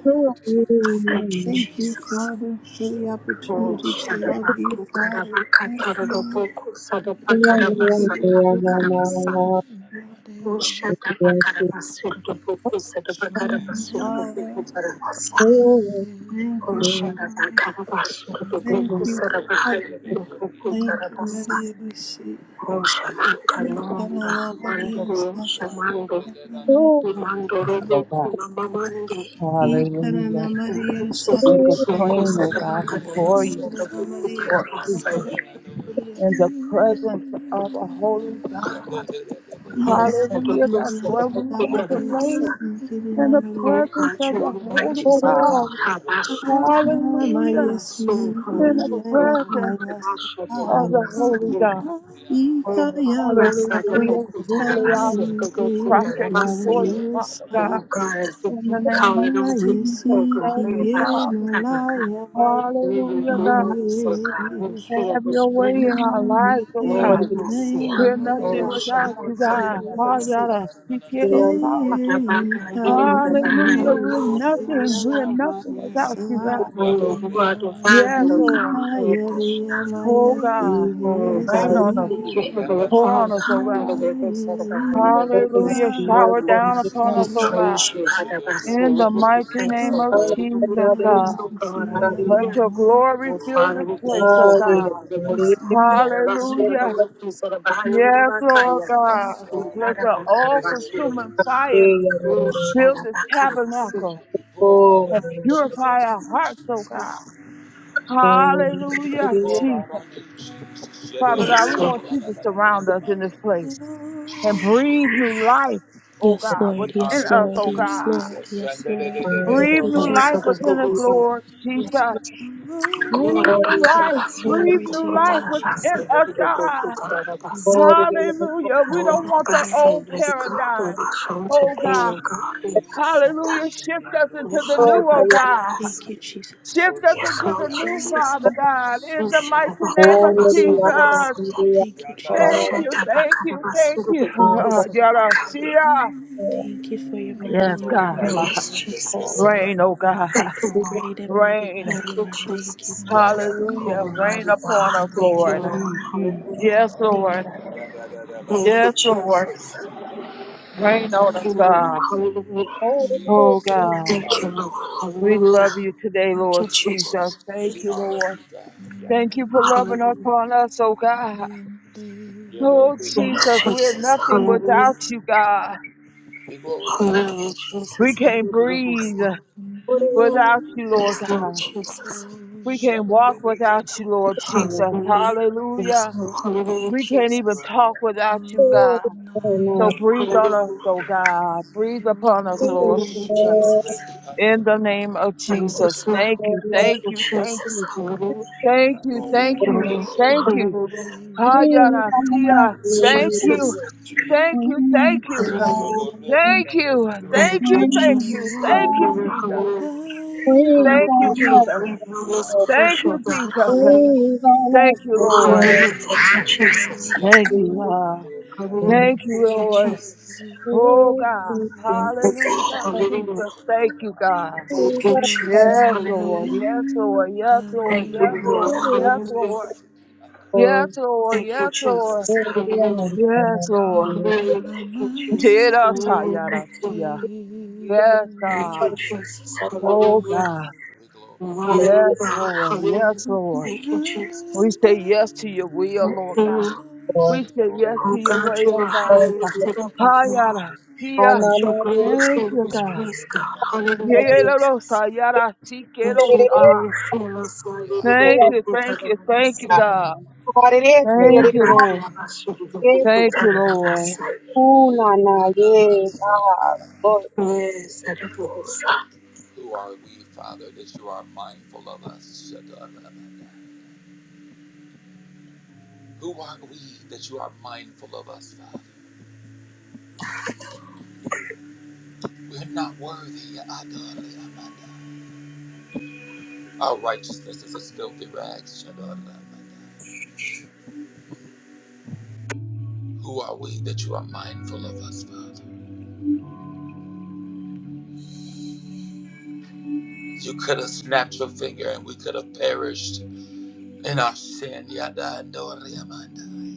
Thank you, Thank you, Jesus. Father, for the O opportunity to love you, Shadabaku Father. Karabaka Thank you. Taraboku Thank you for your goodness. Sadabakarabasatabakarabasa. your mercy. your O loving. Shadabakarabasurboku Thank you, Sadabakarabasurboku Father. Karabasa. Thank O you, Oh, Father. Thank Shadabakarabasurboku you, Father. Sadabahayaboku Thank you, Karabasa. Maria. Thank O Shamakanonda Mandoro you, Shamando Maria. to oh Imandoroboku God. Mamamande. Ikarana Hallelujah. Maria Sata Usoku Make us Boku clean, oh Paragana God, Maria before Sadabakarabasa you, Sikarana Daboku Maria Lord Sata Karabasa. Jesus, Paragana Maria in the presence of a holy God. Yes, and the Ikarana Hallelujah. That's books Maria of the where we Sata book want of to the Maria books. lay Sikarana in the Oh Maria presence God, of you the are holy righteous, oh God. God. Sata Habashata. You Hallelujah. Maria are so coming In the king, oh Sikarana God. presence Maria Habashata. Sata of the holy Habashata. God. Oh, Ikayala Hallelujah. Habashata. We, Maria Habashata. we Sa lay out Habashata. Ikirana Habashata. prostrate before Habashata. you, Maria Father God. Sata Oh God, as the In the deep name of calling on to Jesus, deep, oh God, Maesikie thank you, Habashata. na Father. Gokuta. laya We will Hallelujah, God. glory, so God. We maesikie. see your Have your way splendor. in our lives, oh Maike God. ine Morabasia, ya We're nothing O without you, mayasaye. Shabaka, God. Morabasu, Hallelujah. We give a God. Eye Morabaka, you are ikana the vine, Hallelujah. O We're God, maesi ya nothing. Morabasha, la We're nothing without mayasa. you, God. O Lord, you are the vine, Yes, Lord. Ika yere ya Oh God. Oh Rain mayasiriesi. God, on us. we have a Pour Father, on us, oh higher than God. the rest of the higher than the Maike rest Hallelujah. of the Shower higher. down upon We us, oh God. praise you, Hadabasu. In We the give you mighty thanks, O name of God. We la give you Jesus, God. praise, O God. Let Hallelujah. your maesikie. glory Oh fill Father, this we thank place, you, oh higher God. than the rest of the higher. Hadabasu, the Hallelujah. rest of the higher than Yes, the Lord higher. God. Oh, Let the all Hadabakarabasu. consuming fire Oh, fill this tabernacle and purify our hearts, Shadabakarabasu. oh God. We Hallelujah, pour out on Jesus. you, Jesus. Father God, Yes, we Lord. want you to surround us in this place and breathe new life, oh Yes, God, Lord. We within honor Yes, us, you, Lord. oh Yes, God. Lord. Jesus. Yes, Yes, Lord. Thank Breathe you, Lord. new Yes, life Jesus. within us, Lord. Lord Jesus. Yes, Lord. Breathe Kura new bakara life. basura Breathe Glory to new your kuku life name, tara Jesus. within basa us, kuku kuku God. tara basa. hmm Hallelujah. We Oh, don't Yes, want the Lord. old blessed is God of paradigm. Hashem Oh God, today, O God, we bless Hallelujah. you. Shift us Worship you, We into the shall adore be you. new, oh bakara God. Thank basa. you, Jesus. Shift Worship us Yes, you, into the Lord adore you. new, Jesus. Father God. We In the mighty name glorify of you, Jesus. Thank you, Jesus. Thank you, thank you, thank you. Uh, Yarasia. Thank you for your might and Yes, your God. power, O Yes, God. Jesus. Rain, oh God. Thank you, Lord. Great and mighty Rain. God Thank you you, are. Thank you, Jesus. Father. Yadadadada. Hallelujah. Rain Almighty upon God. us, Thank you, Lord. Lord. Hallelujah. Yes, Lord. Thank Thank you, Yes, Lord. Jesus. Rain on Thank you, us, Lord. God. Hallelujah. Oh you. God. Thank you, Lord. We Hallelujah. love you today, Thank Lord you, Jesus. Jesus. Thank you, Lord. Thank you for loving Hallelujah. upon us, oh God. Yeah, Oh, Jesus, we're Jesus, nothing hallelujah. without you, God. We Hallelujah, We Jesus, can't breathe hallelujah. without you, Lord Yes, Lord God. Jesus, We can't walk without you, Lord Shadadadadadada. Jesus. hallelujah. Yes, Hallelujah. Lord, hallelujah, We can't Jesus, even talk without you, Yadorianamando. God. So Hallelujah. breathe hallelujah, on us, oh God. Breathe upon us, Lord hallelujah, Jesus. Jesus. In the name of Shadorianamando. And Jesus. yes, Lord, Thank you, thank thank you, you, thank Jesus, you, hallelujah. thank you, thank you, Hallelujah, thank you. hallelujah, Hayarasia. Thank you, Jesus, thank you, thank you. Hallelujah. Thank you. Thank Thank you. you, Thank Jesus. you. Thank you, Hallelujah. Jesus. Hallelujah. Hallelujah. Thank you, Thank you for Jesus. breathing on us Thank afresh, you, oh God. Jesus. Hallelujah. Thank you, Lord. Hallelujah. Thank you, Jesus. Thank you, God. Hallelujah. Thank you, Thank you, Lord. Jesus. Oh, God. Thank you, God. Hallelujah, Hallelujah. Jesus. Thank you, God. Thank you, Jesus. Yes, Lord. Hallelujah. Yes, Lord. Yes, Lord. Thank Yes, you, Lord. Lord. Hallelujah. Yes, Lord. Yes, Lord. Thank you, Yes, Lord. Jesus. Hallelujah. Yes, Lord. Hallelujah. Thank you, Jesus. Did us, Hallelujah. Thank you, Lord. Hayarasia. Yes, Thank God. you, Jesus. Oh, Hallelujah. God. Mighty Yes, God, Lord. hallelujah. Yes, Lord. Thank you, Jesus. We say yes to your will, Thank Lord God. You, We say yes to oh your God, way, you oh are God. high and lifted up, oh Hayara, God. Ooh, here. na And na, your yeah. glory Thank fill you, this God. place, God. Hallelujah, Jesus. Yererosa, yara, And your sikerosa. glory fill us, hallelujah, the Thank book you, of thank you, thank you, Ah, Tadabasi. God. Thank you, Lord. Rabakarabasi, the book of Thank you, Lord. Tadabasi. Yes, Tadabosa. Who are we, Father, that you are mindful of us? Who are we that you are mindful of us, Father? We're not worthy. Adonai. Our righteousness is as filthy rags. Adonai. Who are we that you are mindful of us, Father? You could have snapped your finger and we could have perished in our sin. Adonai.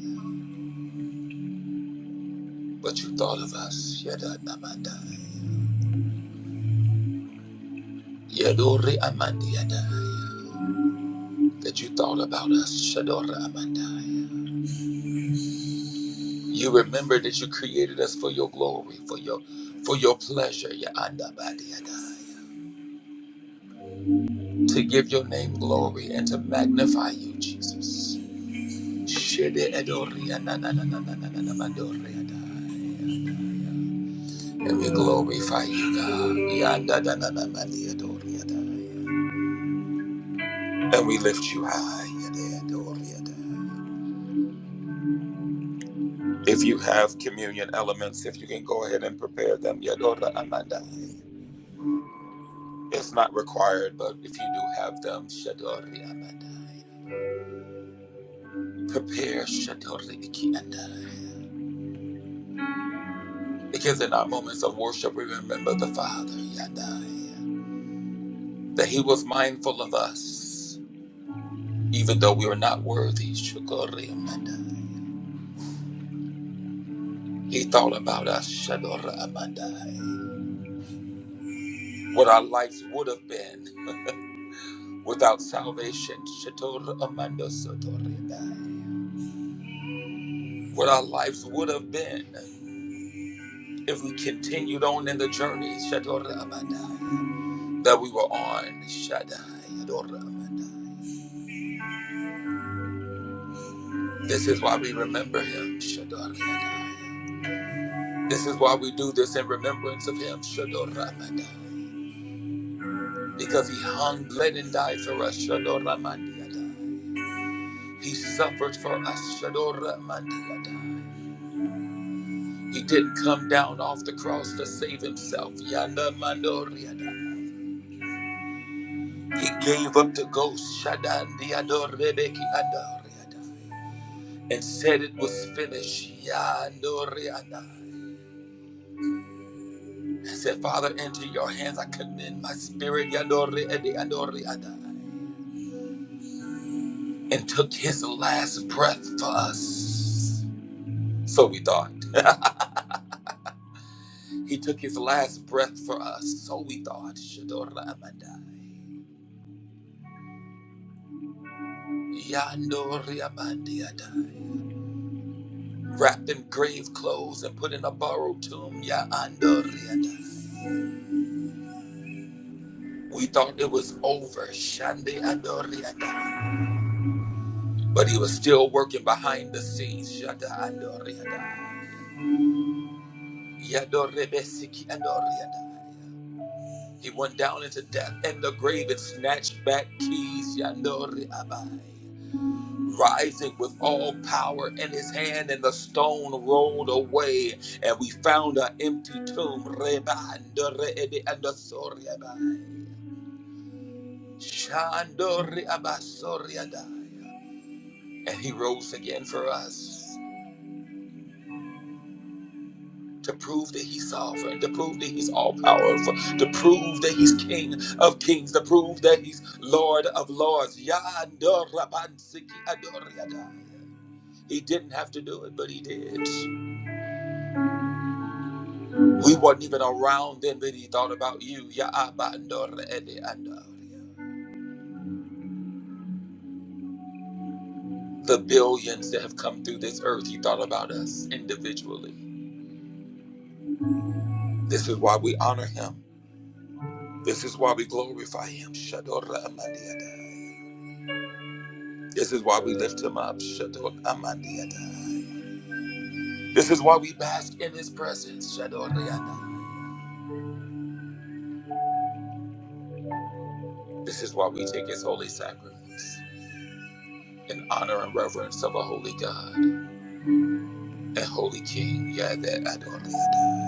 But you thought of us. Adonai. Yadori Amandi Adonai. That you thought about us. Adonai. You remember that you created us for your glory, for your for your pleasure, your andabadiadai. To give your name glory and to magnify you, Jesus. Shede edori Ana na na na na na na na Mandori adai. And we glorify you, God. Ya Anda na na na Mandori adai. And we lift you high. Yede Edori adai. If you have communion elements, if you can go ahead and prepare them, Yadora Amandai. It's not required, but if you do have them, Shadori Abadai. Prepare Shadori Iki Andai. Because in our moments of worship, we remember the Father, Yadai, that He was mindful of us, even though we were not worthy, Shadori Amandai. He thought about us, Shadori Amandai. What our lives would have been without salvation, Shadori Amando Sotori Andai. What our lives would have been if we continued on in the journey Shaddai, that we were on. Shaddai. This is why we remember him. Shaddai. This is why we do this in remembrance of him. Shaddai. Because he hung, bled, and died for us. Shaddai. He suffered for us. Shaddai. He didn't come down off the cross to save himself. Yanda he gave up the ghost. Shadan diador rebeki ador. and said it was finished. Yandoriada. I said, Father, into your hands I commend my spirit, Yandori Ede Yandori Ada, and took his last breath for us. So we thought. he took his last breath for us. So we thought. Shadora Amanda. Yandori Amandi Ada. Wrapped in grave clothes and put in a borrowed tomb. Yandori Ada. We thought it was over. Shandi Andori Ada. But he was still working behind the scenes. Shada andoriada. Yadorebesiki andoriada. He went down into death and the grave and snatched back keys. Yandori Rising with all power in his hand, and the stone rolled away, and we found an empty tomb. Reba andore ede andosori abai. And he rose again for us. to prove that he's sovereign, to prove that he's all powerful, to prove that he's king of kings, to prove that he's lord of lords. Yandorabansiki He didn't have to do it, but he did. We weren't even around then, but he thought about you. Yaabandoredeandoria. The billions that have come through this earth, he thought about us individually. This is why we honor him. This is why we glorify him. Shadoramandiadai. This is why we lift him up. Shadot Amandiata. This is why we bask in his presence. Shadot Leanda. This is why we take his holy sacraments in honor and reverence of a holy God and holy King. Yadet Adon Leanda.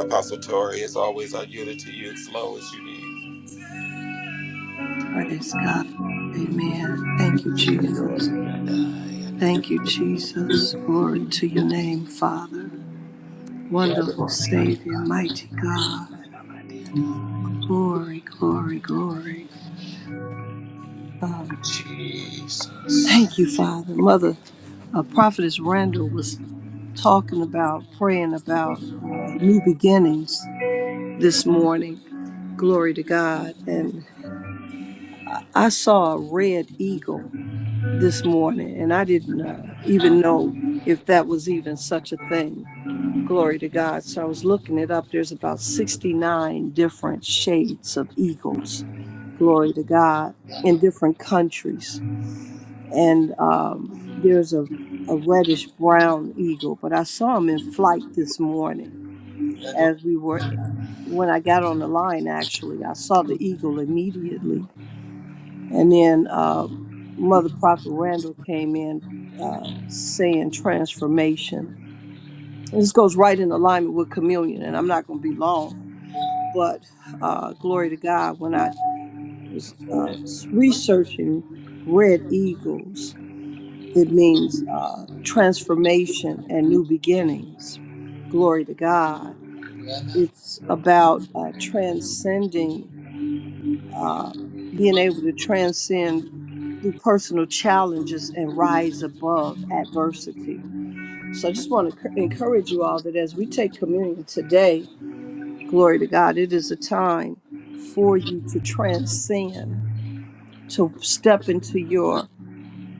Apostle Tori, it's always on you to you. Flow as you need. Praise God. Amen. Thank you, Jesus. Yada, yada. Thank you, Jesus. Glory to your name, Father. Wonderful Savior, mighty God. Glory, glory, glory. Um, Jesus. thank you, Father. Mother, uh, Prophetess Randall was talking about, praying about uh, new beginnings this morning. Glory to God. And I saw a red eagle this morning, and I didn't uh, even know if that was even such a thing. Glory to God. So I was looking it up. There's about 69 different shades of eagles. Glory to God in Yada, different countries. And um, there's a, a reddish brown eagle, but I saw him in flight this morning yada, as we were, when I got on the line, actually. I saw the eagle immediately and then uh, Mother Prophet Randall came in uh, saying transformation. This goes right in alignment with communion, and I'm not going to be long, but uh, glory to God. When I was uh, researching red eagles, it means uh, transformation and new beginnings. Glory to God. yada, It's about uh, transcending, uh, being able to transcend through personal challenges and rise above adversity. So I just want to encourage you all that as we take communion today, glory to God, it is a time for you to transcend, to step into your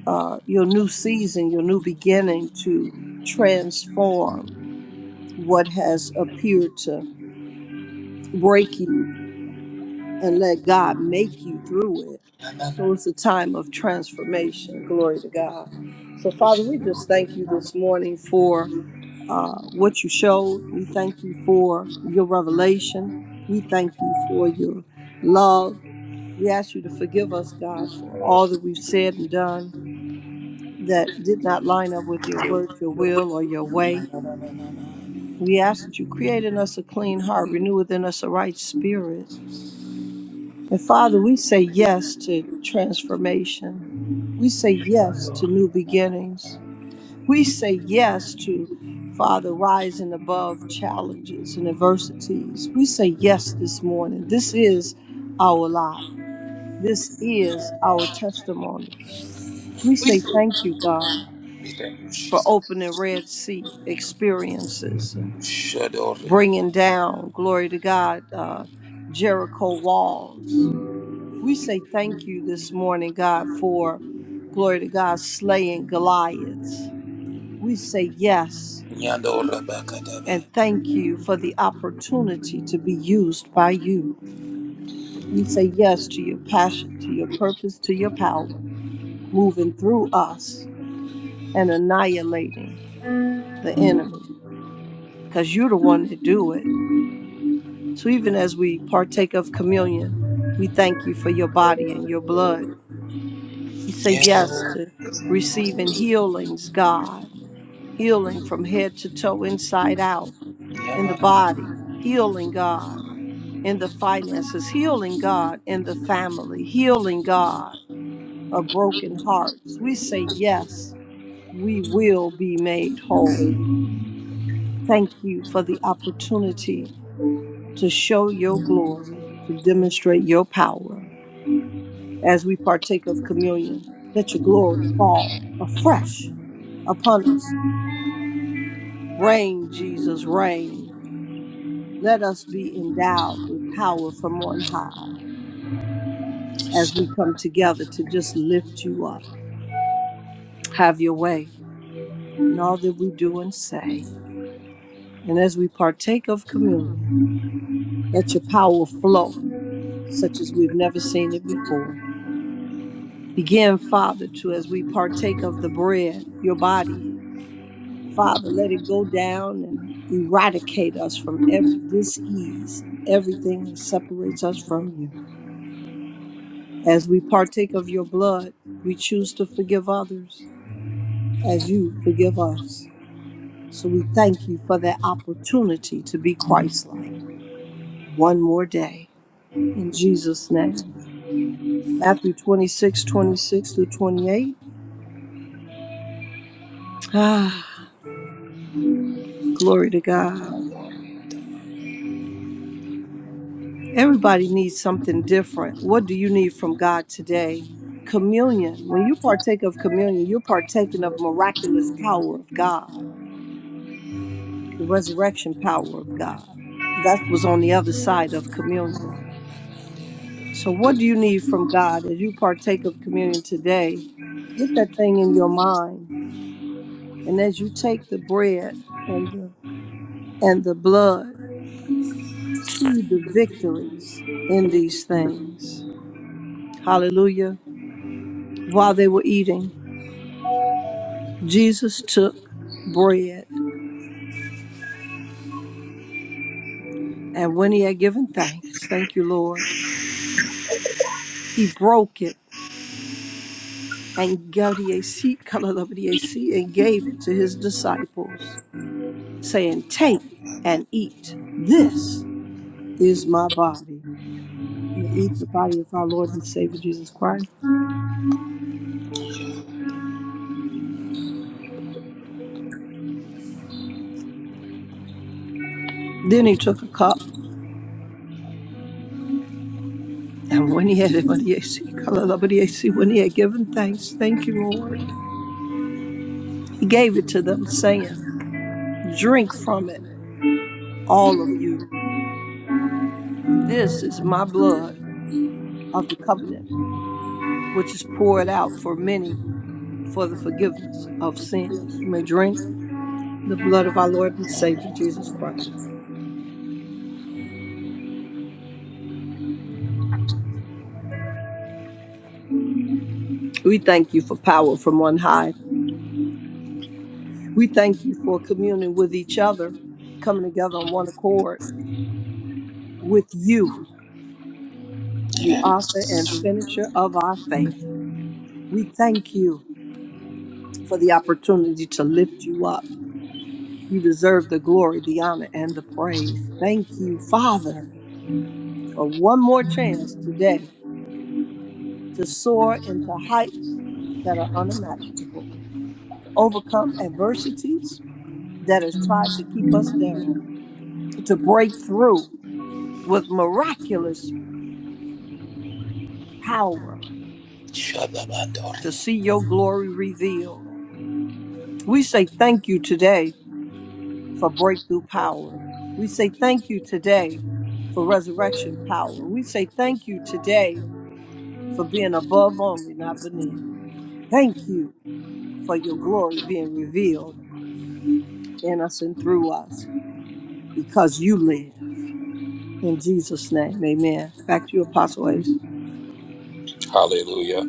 uh, your new season, your new beginning, to transform what has appeared to break you and let God make you through it. yada, So yada. it's a time of transformation. Glory to God. So, Father, we just thank you this morning for uh, what you showed. We thank you for your revelation. We thank you for your love. We ask you to forgive us, God, for all that we've said and done that did not line up with your word, your will, or your way. We ask that you create in us a clean heart, renew within us a right spirit. And Father, we say yes to transformation. We say yes to new beginnings. We say yes to, Father, rising above challenges and adversities. We say yes this morning. This is our lot. This is our testimony. We say thank you, God, We thank you, for Jesus. opening Red Sea experiences and Shadot Leanda. bringing down, glory to God, uh, Jericho walls We say thank you this morning, God, for glory to God, slaying Goliaths. We say yes Yada, and Rabakadaba. thank you for the opportunity to be used by you. We say yes to your passion, to your purpose, to your power, moving through us and annihilating the enemy because you're the one that do it. So even as we partake of communion, we thank you for your body and your blood. We say yes to receiving healings, God healing from head to toe, inside out, in the Yeah. body, healing God in the finances, healing God in the family, healing God of broken hearts. We say, Yes, we will be made whole. Thank you for the opportunity to show your glory, to demonstrate your power as we partake of communion. Let your glory fall afresh upon us. Reign, Jesus, reign. Let us be endowed with power from on high as we come together to just lift you up. Have your way in all that we do and say. And as we partake of communion, let your power flow such as we've never seen it before. Begin, Father, to as we partake of the bread, your body, Father, let it go down and eradicate us from every disease and everything that separates us from you. As we partake of your blood, we choose to forgive others as you forgive us. So we thank you for that opportunity to be Christ like one more day. In Jesus' name. Matthew 26:26 through 28. Ah, glory to God. Everybody needs something different. What do you need from God today? Communion. When you partake of communion, you're partaking of miraculous power of God. the resurrection power of God. That was on the other side of communion. So, what do you need from God as you partake of communion today? Get that thing in your mind, and as you take the bread and the and the blood, see the victories in these things. Hallelujah! While they were eating, Jesus took bread, and when he had given thanks, thank you, Lord, he broke it And gave it to his disciples, saying, Take and eat. This is my body. And they eat the body of our Lord and Savior Jesus Christ. Then he took a cup, and when he had Abadiesi Kalalabadiesi, when he had given thanks, thank you, Lord, he gave it to them, saying, Drink from it, all of you. This is my blood of the covenant, which is poured out for many for the forgiveness of sins. You may drink the blood of our Lord and Savior Jesus Christ. We thank you for power from on high. We thank you for communing with each other, coming together on one accord with you, the author and finisher of our faith. We thank you for the opportunity to lift you up. You deserve the glory, the honor, and the praise. Thank you, Father, for one more chance today to soar into heights that are unimaginable, to overcome adversities that has tried to keep us down, to break through with miraculous power, to Shadabandori. see your glory revealed. We say thank you today for breakthrough power. We say thank you today for resurrection power. We say thank you today for being above only, not beneath. Thank you for your glory being revealed in us and through us because you live. In Jesus' name, amen. Back to you, Apostle Ace. Hallelujah.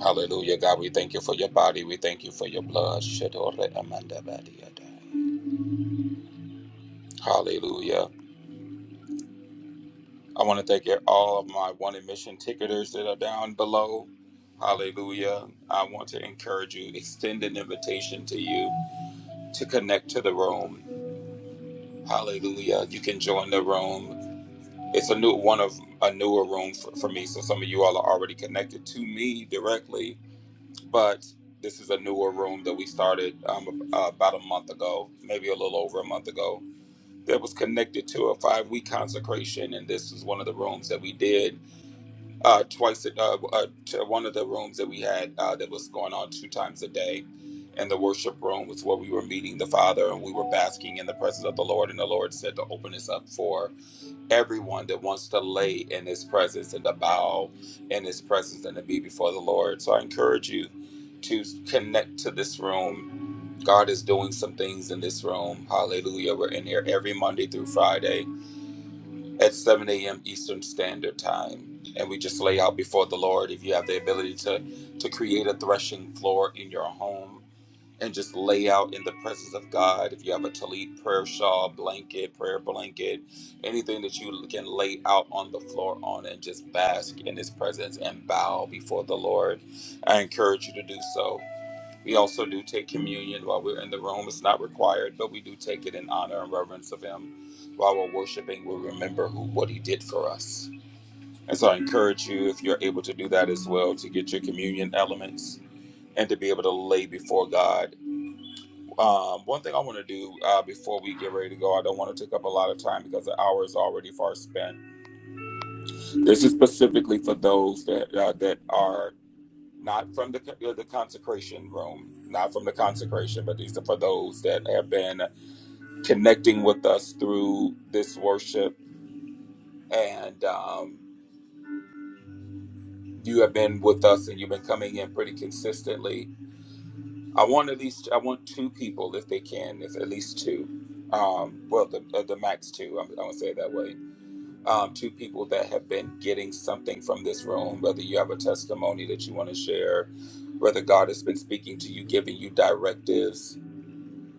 Hallelujah. God, we thank you for your body. We thank you for your blood. Shadore amandabadiada. Hallelujah. I want to thank you- all of my one admission ticketers that are down below. Hallelujah. I want to encourage you, extend an invitation to you to connect to the room. Hallelujah. You can join the room. It's a new one of a newer room for, for me. So some of you all are already connected to me directly but this is a newer room that we started um, uh, about a month ago, maybe a little over a month ago, that was connected to a five week consecration. And this was one of the rooms that we did uh, twice, a- uh, uh, to one of the rooms that we had uh, that was going on two times a day. And the worship room was where we were meeting the Father and we were basking in the presence of the Lord. And the Lord said to open this up for everyone that wants to lay in his presence and to bow in his presence and to be before the Lord. So I encourage you to connect to this room. God is doing some things in this room. Hallelujah. We're in here every Monday through Friday at 7 a.m. Eastern Standard Time. And we just lay out before the Lord. If you have the ability to, to create a threshing floor in your home, and just lay out in the presence of God. If you have a tallit prayer shawl, blanket, prayer blanket, anything that you can lay out on the floor on and just bask in his presence and bow before the Lord, I encourage you to do so. We also do take communion while we're in the room. It's not required, but we do take it in honor and reverence of him. While we're worshiping, we remember who what he did for us. And so I encourage you, if you're able to do that as well, to get your communion elements and to be able to lay before God um, one thing I want to do uh, before we get ready to go, I don't want to take up a lot of time because the hour is already far spent. This is specifically for those that uh, that are not from the uh, the consecration room, not from the consecration, but these are for those that have been connecting with us through this worship, and um, you have been with us and you've been coming in pretty consistently. I want at least I want two people if they can, if at least two. Um, well, the, uh, the max two. I'm, I'm say it that way um, to people that have been getting something from this room, whether you have a testimony that you want to share, whether God has been speaking to you, giving you directives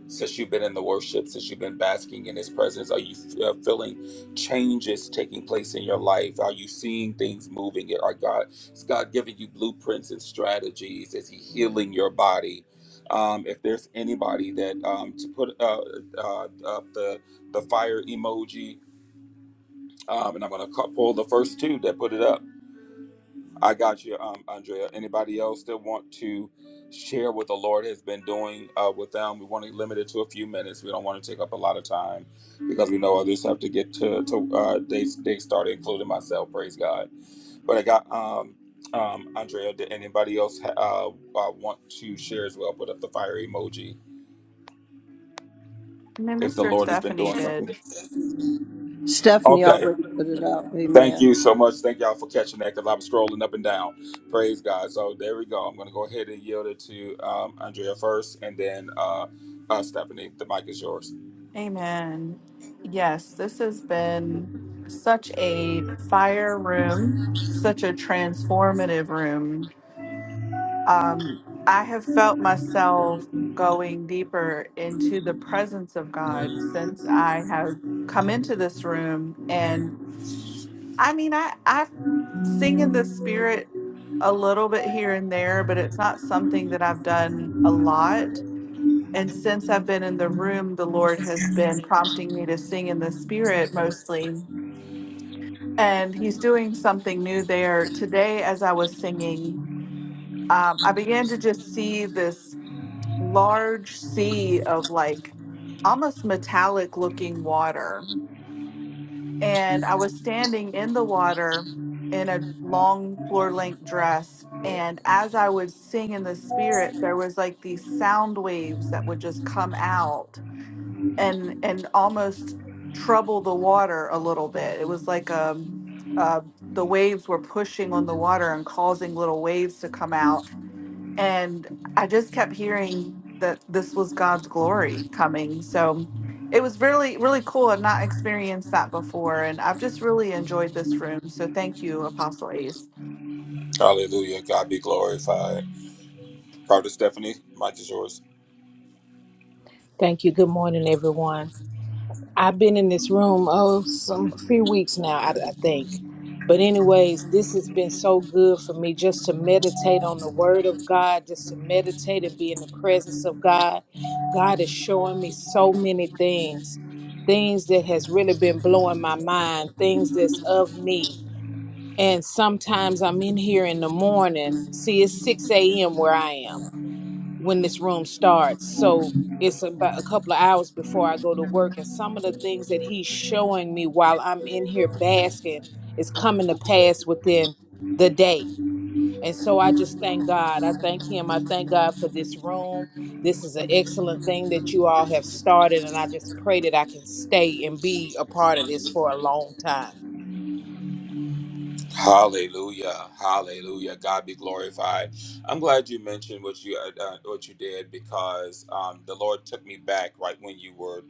since you've been in the worship, since you've been basking in His presence. Are you uh, feeling changes taking place in your life? Are you seeing things moving? Are God is God giving you blueprints and strategies? Is He healing your body? Um, if there's anybody that um, to put uh, uh, uh, the the fire emoji um, and I'm going to pull the first two that put it up. I got you, um, Andrea. Anybody else that want to share what the Lord has been doing uh, with them? We want to limit it to a few minutes. We don't want to take up a lot of time because we know others have to get to, to uh, they, they started, including myself. Praise God. But I got um, um, Andrea. Did anybody else ha- uh, uh, want to share as well? Put up the fire emoji if the Minister Lord has been Stephanie doing something. did. Stephanie Okay. already put it up. Thank Amen. you so much. Thank y'all for catching that because I was scrolling up and down. Praise God. So there we go. I'm going to go ahead and yield it to um, Andrea first and then uh, uh, Stephanie. The mic is yours. And standing in the water in a long floor length dress. And as I would sing in the spirit, there was like these sound waves that would just come out and and almost trouble the water a little bit. It was like um uh, the waves were pushing on the water and causing little waves to come out. and I just kept hearing that this was God's glory coming. So it was really, really cool. i have not experienced that before, and I've just really enjoyed this room. So thank you, Apostle Ace. Hallelujah. God be glorified. Prophet Stephanie, mic is yours. Thank you. Good morning, everyone. I've been in this room oh some few weeks now, I, I think. But anyways, this has been so good for me just to meditate on the Word of God, just to meditate and be in the presence of God. God is showing me so many things, things that has really been blowing my mind, things that's of me. And sometimes I'm in here in the morning. See, it's six a.m. where I am when this room starts. So it's about a couple of hours before I go to work. And some of the things that he's showing me while I'm in here basking is coming to pass within the day. And so I just thank God. I thank him. I thank God for this room. This is an excellent thing that you all have started. And I just pray that I can stay and be a part of this for a long time. Hallelujah, Hallelujah! God be glorified. I'm glad you mentioned what you uh, uh, what you did because um, the Lord took me back right when you were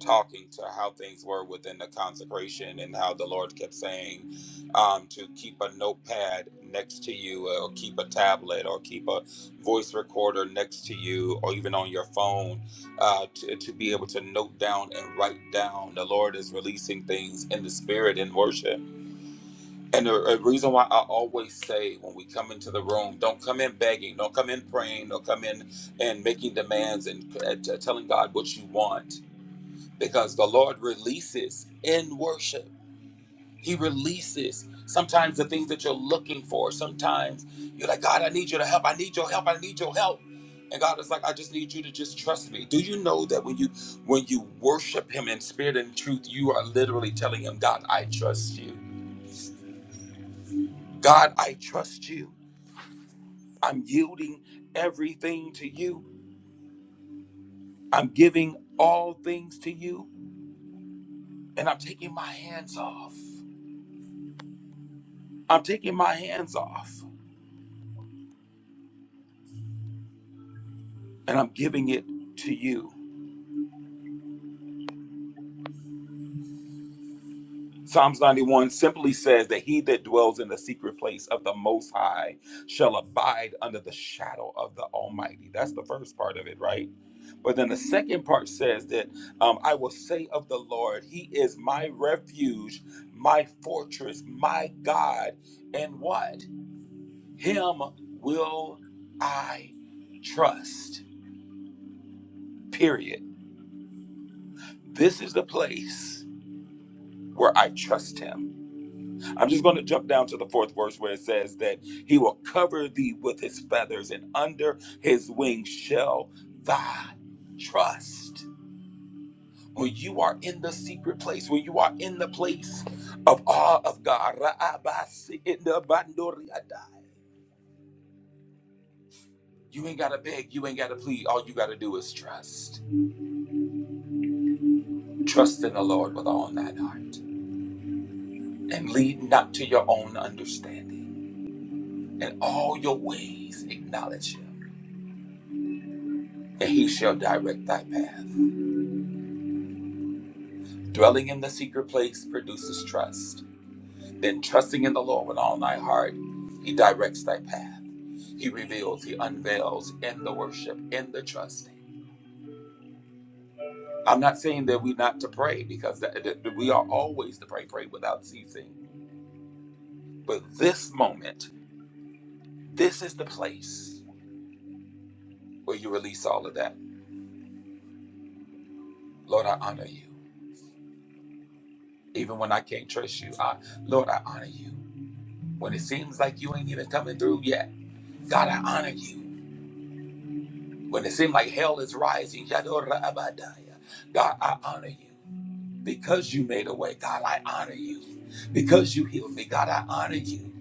talking to how things were within the consecration and how the Lord kept saying um, to keep a notepad next to you, uh, or keep a tablet, or keep a voice recorder next to you, or even on your phone uh, to, to be able to note down and write down. The Lord is releasing things in the spirit in worship and the a reason why I always say when we come into the room, don't come in begging, don't come in praying, don't come in and making demands and uh, t- telling God what you want, because the Lord releases in worship. He releases sometimes the things that you're looking for. Sometimes you're like, God, I need you to help. I need your help. I need your help. And God is like, I just need you to just trust me. Do you know that when you when you worship Him in spirit and truth, you are literally telling Him, God, I trust you. God, I trust you. I'm yielding everything to you. I'm giving all things to you. And I'm taking my hands off. I'm taking my hands off and I'm giving it to you. Psalms 91 simply says that he that dwells in the secret place of the Most High shall abide under the shadow of the Almighty. That's the first part of it, right? But then the second part says that um, I will say of the Lord, He is my refuge, my fortress, my God, and what? Him will I trust. Period. This is the place where I trust him. I'm just going to jump down to the fourth verse where it says that he will cover thee with his feathers, and under his wings shall thy trust. When you are in the secret place, when you are in the place of awe of God, you ain't got to beg, you ain't got to plead. All you got to do is trust. Trust in the Lord with all thine heart, and lead not to your own understanding. In all your ways acknowledge him, and he shall direct thy path. Dwelling in the secret place produces trust. Then trusting in the Lord with all thy heart, he directs thy path. He reveals, he unveils in the worship, in the trusting. I'm not saying that we not to pray because that, that we are always to pray, pray without ceasing. But this moment, this is the place where you release all of that Lord, I honor you. Even when I can't trust you, I, Lord, I honor you. When it seems like you ain't even coming through yet, God, I honor you. When it seems like hell is rising, Yadora Abadaya, God, I honor you. Because you made a way, God, I honor you. Because you healed me, God, I honor you.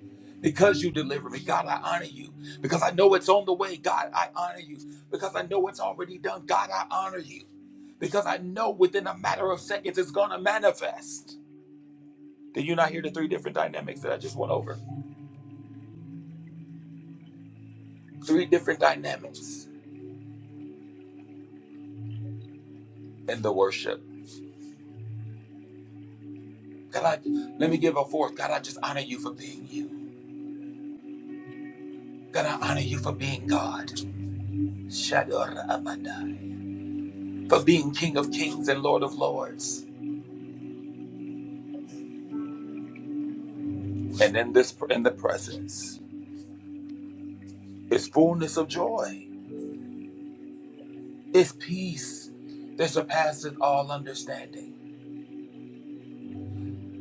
Because you delivered me, God, I honor you. Because I know it's on the way, God, I honor you. Because I know it's already done, God, I honor you. Because I know within a matter of seconds it's going to manifest. Did you not hear the three different dynamics that I just went over? Three different dynamics in the worship. God, I, let me give a fourth. God, I just honor you for being you. God, I honor you for being God. Shador Amanda. For being King of Kings and Lord of Lords. And in this in the presence is fullness of joy. It's peace that surpasses all understanding.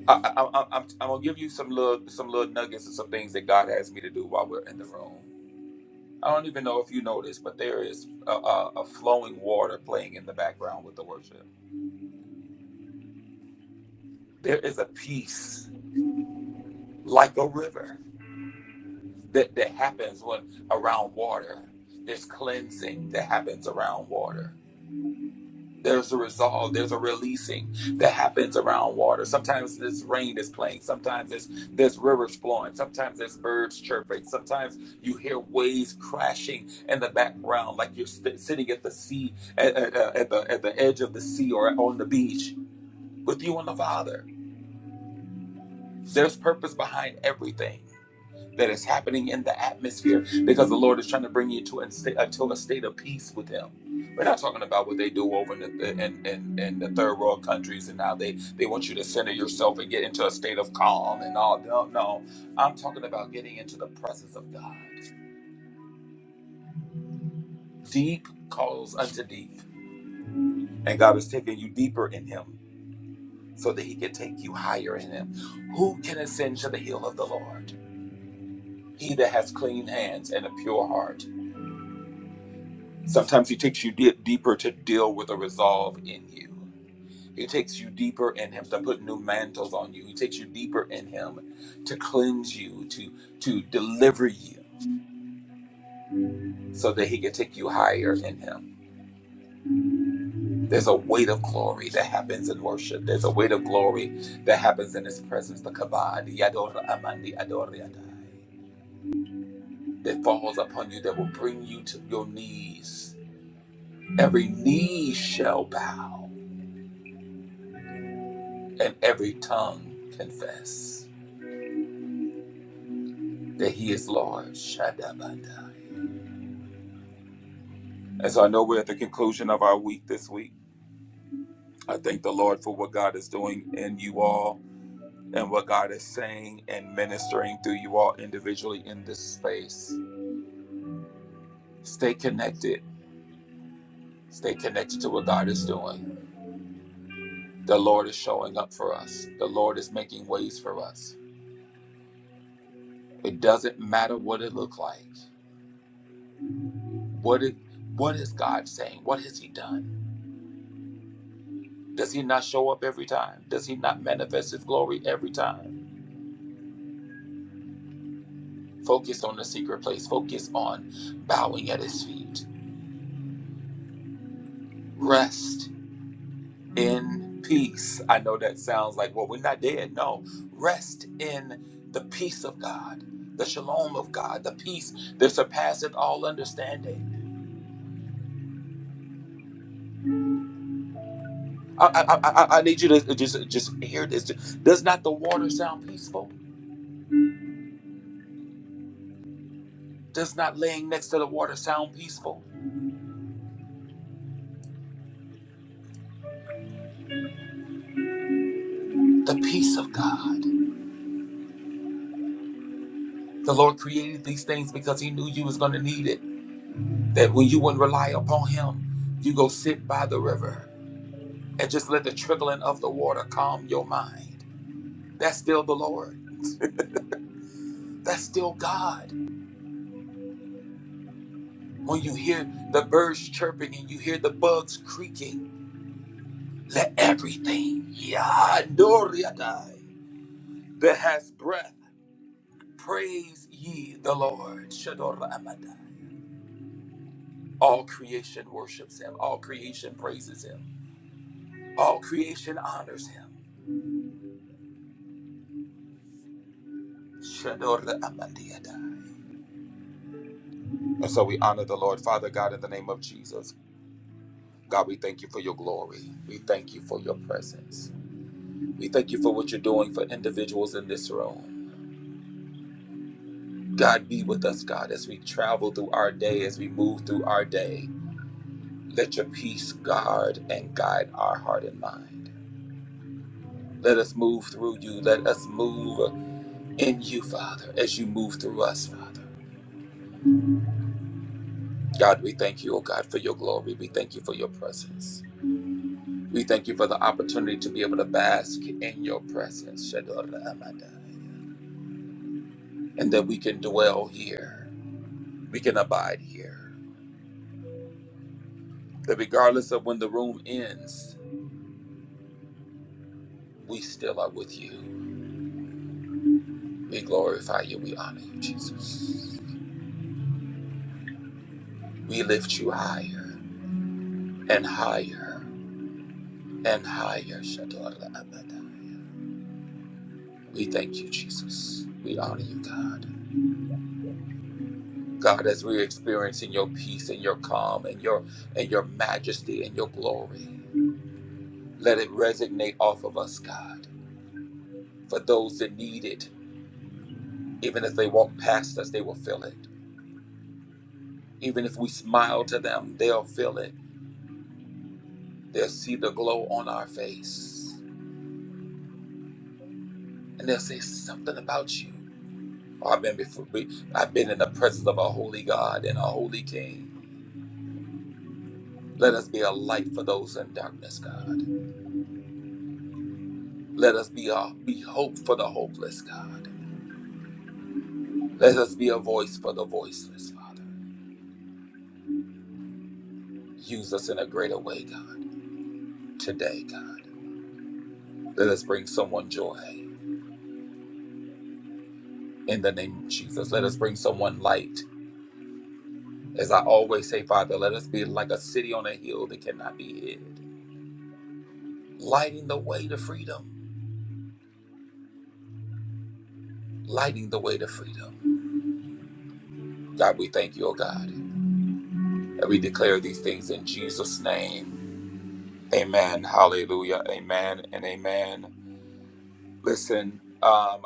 I, I, I, I'm, I'm gonna give you some little some little nuggets and some things that God has me to do while we're in the room. I don't even know if you know this, but there is a, a, a flowing water playing in the background with the worship. There is a peace like a river that, that happens when around water. There's cleansing that happens around water. there's a resolve, there's a releasing that happens around water. Sometimes there's rain that's playing, sometimes there's there's rivers flowing, sometimes there's birds chirping, sometimes you hear waves crashing in the background, like you're st- sitting at the sea, at, at, uh, at the at the edge of the sea or on the beach with you and the Father. There's purpose behind everything that is happening in the atmosphere because the Lord is trying to bring you to a, sta- uh, to a state of peace with Him. We're not talking about what they do over in the, in, in, in the third world countries and how they, they want you to center yourself and get into a state of calm and all. No, no. I'm talking about getting into the presence of God. Deep calls unto deep, and God is taking you deeper in Him so that He can take you higher in Him. Who can ascend to the hill of the Lord? He that has clean hands and a pure heart Sometimes he takes you deep, deeper to deal with a resolve in you. He takes you deeper in him to put new mantles on you. He takes you deeper in him to cleanse you, to to deliver you, so that he can take you higher in him. There's a weight of glory that happens in worship. There's a weight of glory that happens in his presence. The kabad, yador amandi ador yadai, that falls upon you, that will bring you to your knees. Every knee shall bow, and every tongue confess. that He is Lord. Shadabadai. And so I know we're at the conclusion of our week this week. I thank the Lord for what God is doing in you all and what God is saying and ministering through you all individually in this space. Stay connected. Stay connected to what God is doing. The Lord is showing up for us. The Lord is making ways for us. It doesn't matter what it looked like. What it what is God saying? What has He done? Does He not show up every time? Does He not manifest His glory every time? Focus on the secret place. Focus on bowing at his feet. Rest in peace. I know that sounds like, well, we're not dead. No. Rest in the peace of God, the shalom of God, the peace that surpasseth all understanding. I, I, I, I I need you to just, just hear this. Does not the water sound peaceful? Does not laying next to the water sound peaceful? The peace of God. The Lord created these things because He knew you was going to need it. That when you wouldn't rely upon him, you go sit by the river and just let the trickling of the water calm your mind. That's still the Lord. That's still God. When you hear the birds chirping and you hear the bugs creaking, let everything Yadoriadai, that has breath praise ye the Lord. Shadora Amadai. All creation worships him. All creation praises him. All creation honors him. Shadora Amadiadai. And so we honor the Lord, Father God, in the name of Jesus. God, we thank you for your glory. We thank you for your presence. We thank you for what you're doing for individuals in this room. God, be with us, God, as we travel through our day, as we move through our day. Let your peace guard and guide our heart and mind. Let us move through you. Let us move in you, Father, as you move through us, Father. God, we thank you, oh God, for your glory. We thank you for your presence. We thank you for the opportunity to be able to bask in your presence, Shadora Amanda, and that we can dwell here. We can abide here. That regardless of when the room ends, we still are with you. We glorify you. We honor you, Jesus. We lift you higher and higher and higher, Shadora Amanda. We thank you, Jesus. We honor you, God. God, as we're experiencing your peace and your calm and your and your majesty and your glory. Let it resonate off of us, God. For those that need it, even if they walk past us, they will feel it. Even if we smile to them, they'll feel it. They'll see the glow on our face, and they'll say something about you. Oh, I've been before. I've been in the presence of a holy God and a holy King. Let us be a light for those in darkness, God. Let us be a be hope for the hopeless, God. Let us be a voice for the voiceless, Father. Use us in a greater way, God. Today, God. Let us bring someone joy in the name of Jesus. Let us bring someone light. As I always say, Father, let us be like a city on a hill that cannot be hid, lighting the way to freedom, lighting the way to freedom. God, we thank you, oh God, and we declare these things in Jesus' name. Amen. Hallelujah. Amen and amen. Listen, um,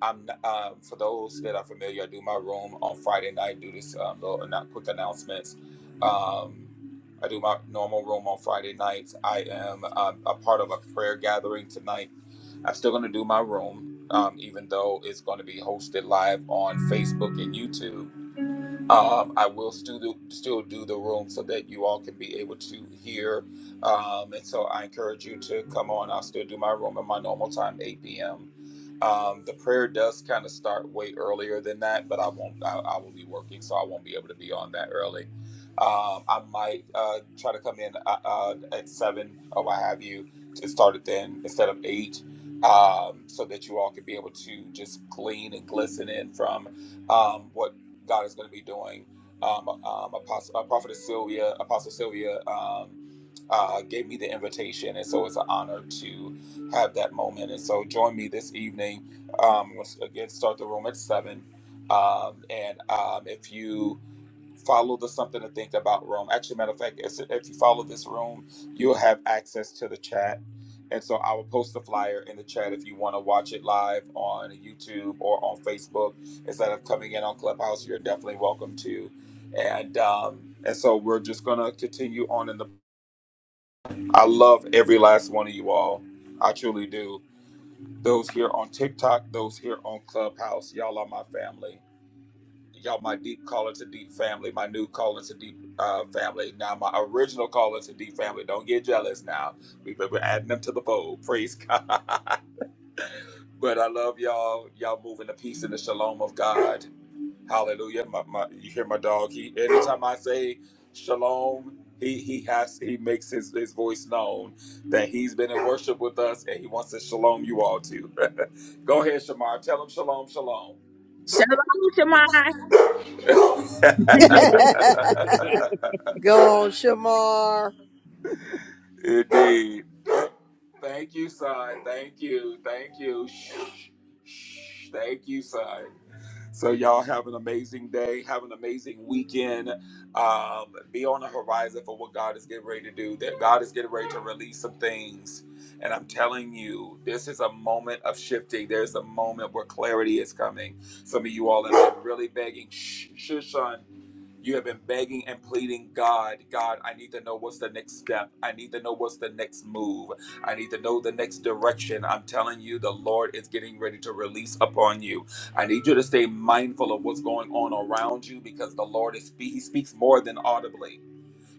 I'm not- um, for those that are familiar. I do my room on Friday night. Do this um, little not quick announcements. Um, I do my normal room on Friday nights. I am um, a part of a prayer gathering tonight. I'm still going to do my room, um, even though it's going to be hosted live on Facebook and YouTube. Um, I will still do, still do the room so that you all can be able to hear. Um, and so I encourage you to come on. I'll still do my room at my normal time, 8 p.m. Um, the prayer does kind of start way earlier than that, but I won't. I, I will be working, so I won't be able to be on that early. Um, I might uh, try to come in uh, uh, at seven or what have you to start it then instead of eight, um, so that you all can be able to just glean and glisten in from um, what God is going to be doing. Um, um, Apostle, uh, Prophetess Sylvia, Apostle Sylvia um, uh, gave me the invitation, and so it's an honor to have that moment. And so join me this evening. Um, let's again start the room at seven. Um, and um, if you follow the something to think about room. Actually, matter of fact, if, if you follow this room, you'll have access to the chat. And so I will post the flyer in the chat if you want to watch it live on YouTube or on Facebook. Instead of coming in on Clubhouse, you're definitely welcome to. And um, and so we're just gonna continue on in the. I love every last one of you all. I truly do. Those here on TikTok, those here on Clubhouse, y'all are my family y'all my deep caller to deep family my new caller to deep uh, family now my original caller to deep family don't get jealous now we, we- are adding them to the fold praise god but i love y'all y'all moving the peace and the shalom of god hallelujah my, my, you hear my dog he anytime i say shalom he he has he makes his, his voice known that he's been in worship with us and he wants to shalom you all too go ahead shamar tell him shalom shalom Shalom, Shemai. Go on, Shamar. Indeed. Thank you, son. Thank you. Thank you. Shh, shh. Thank you, son. So y'all have an amazing day. Have an amazing weekend. Um, be on the horizon for what God is getting ready to do. That God is getting ready to release some things. And I'm telling you, this is a moment of shifting. There's a moment where clarity is coming. Some of you all have been really begging. Shh, shh, son. You have been begging and pleading, God, God, I need to know what's the next step. I need to know what's the next move. I need to know the next direction. I'm telling you, the Lord is getting ready to release upon you. I need you to stay mindful of what's going on around you because the Lord is He speaks more than audibly.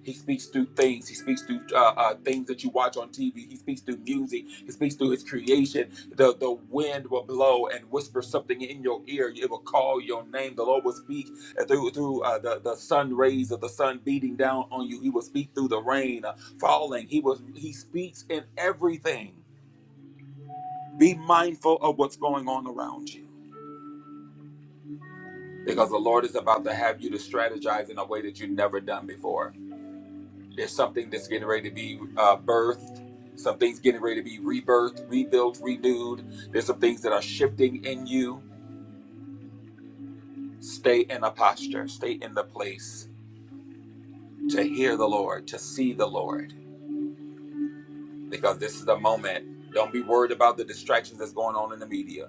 He speaks through things. He speaks through uh, uh, things that you watch on TV. He speaks through music. He speaks through his creation. The the wind will blow and whisper something in your ear. It will call your name. The Lord will speak uh, through through uh, the the sun rays of the sun beating down on you. He will speak through the rain uh, falling. He was he speaks in everything. Be mindful of what's going on around you because the Lord is about to have you to strategize in a way that you've never done before. There's something that's getting ready to be uh, birthed. Some things getting ready to be rebirthed, rebuilt, renewed. There's some things that are shifting in you. Stay in a posture, stay in the place to hear the Lord, to see the Lord, because this is the moment. Don't be worried about the distractions that's going on in the media,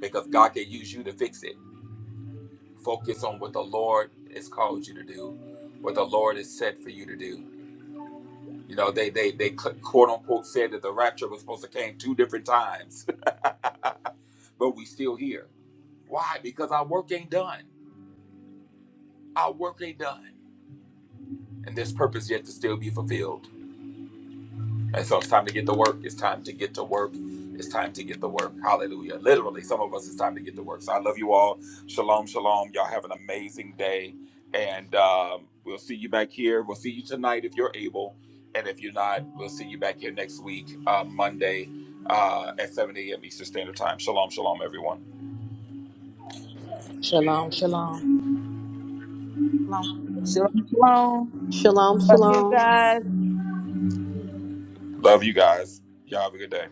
because God can use you to fix it. Focus on what the Lord has called you to do, what the Lord has said for you to do. You know, they they they quote unquote said that the rapture was supposed to came two different times. but we still here. Why? Because our work ain't done. Our work ain't done. And there's purpose yet to still be fulfilled. And so it's time to get to work. It's time to get to work. It's time to get to work. Hallelujah. Literally, some of us, it's time to get to work. So I love you all. Shalom, shalom. Y'all have an amazing day. And um, we'll see you back here. We'll see you tonight if you're able. And if you're not, we'll see you back here next week, uh, Monday uh, at 7 a.m. Eastern Standard Time. Shalom, shalom, everyone. Shalom, shalom. Lord, like, Shalom, shalom. Shalom, Love you shalom. guys. Love you guys. Y'all have a good day.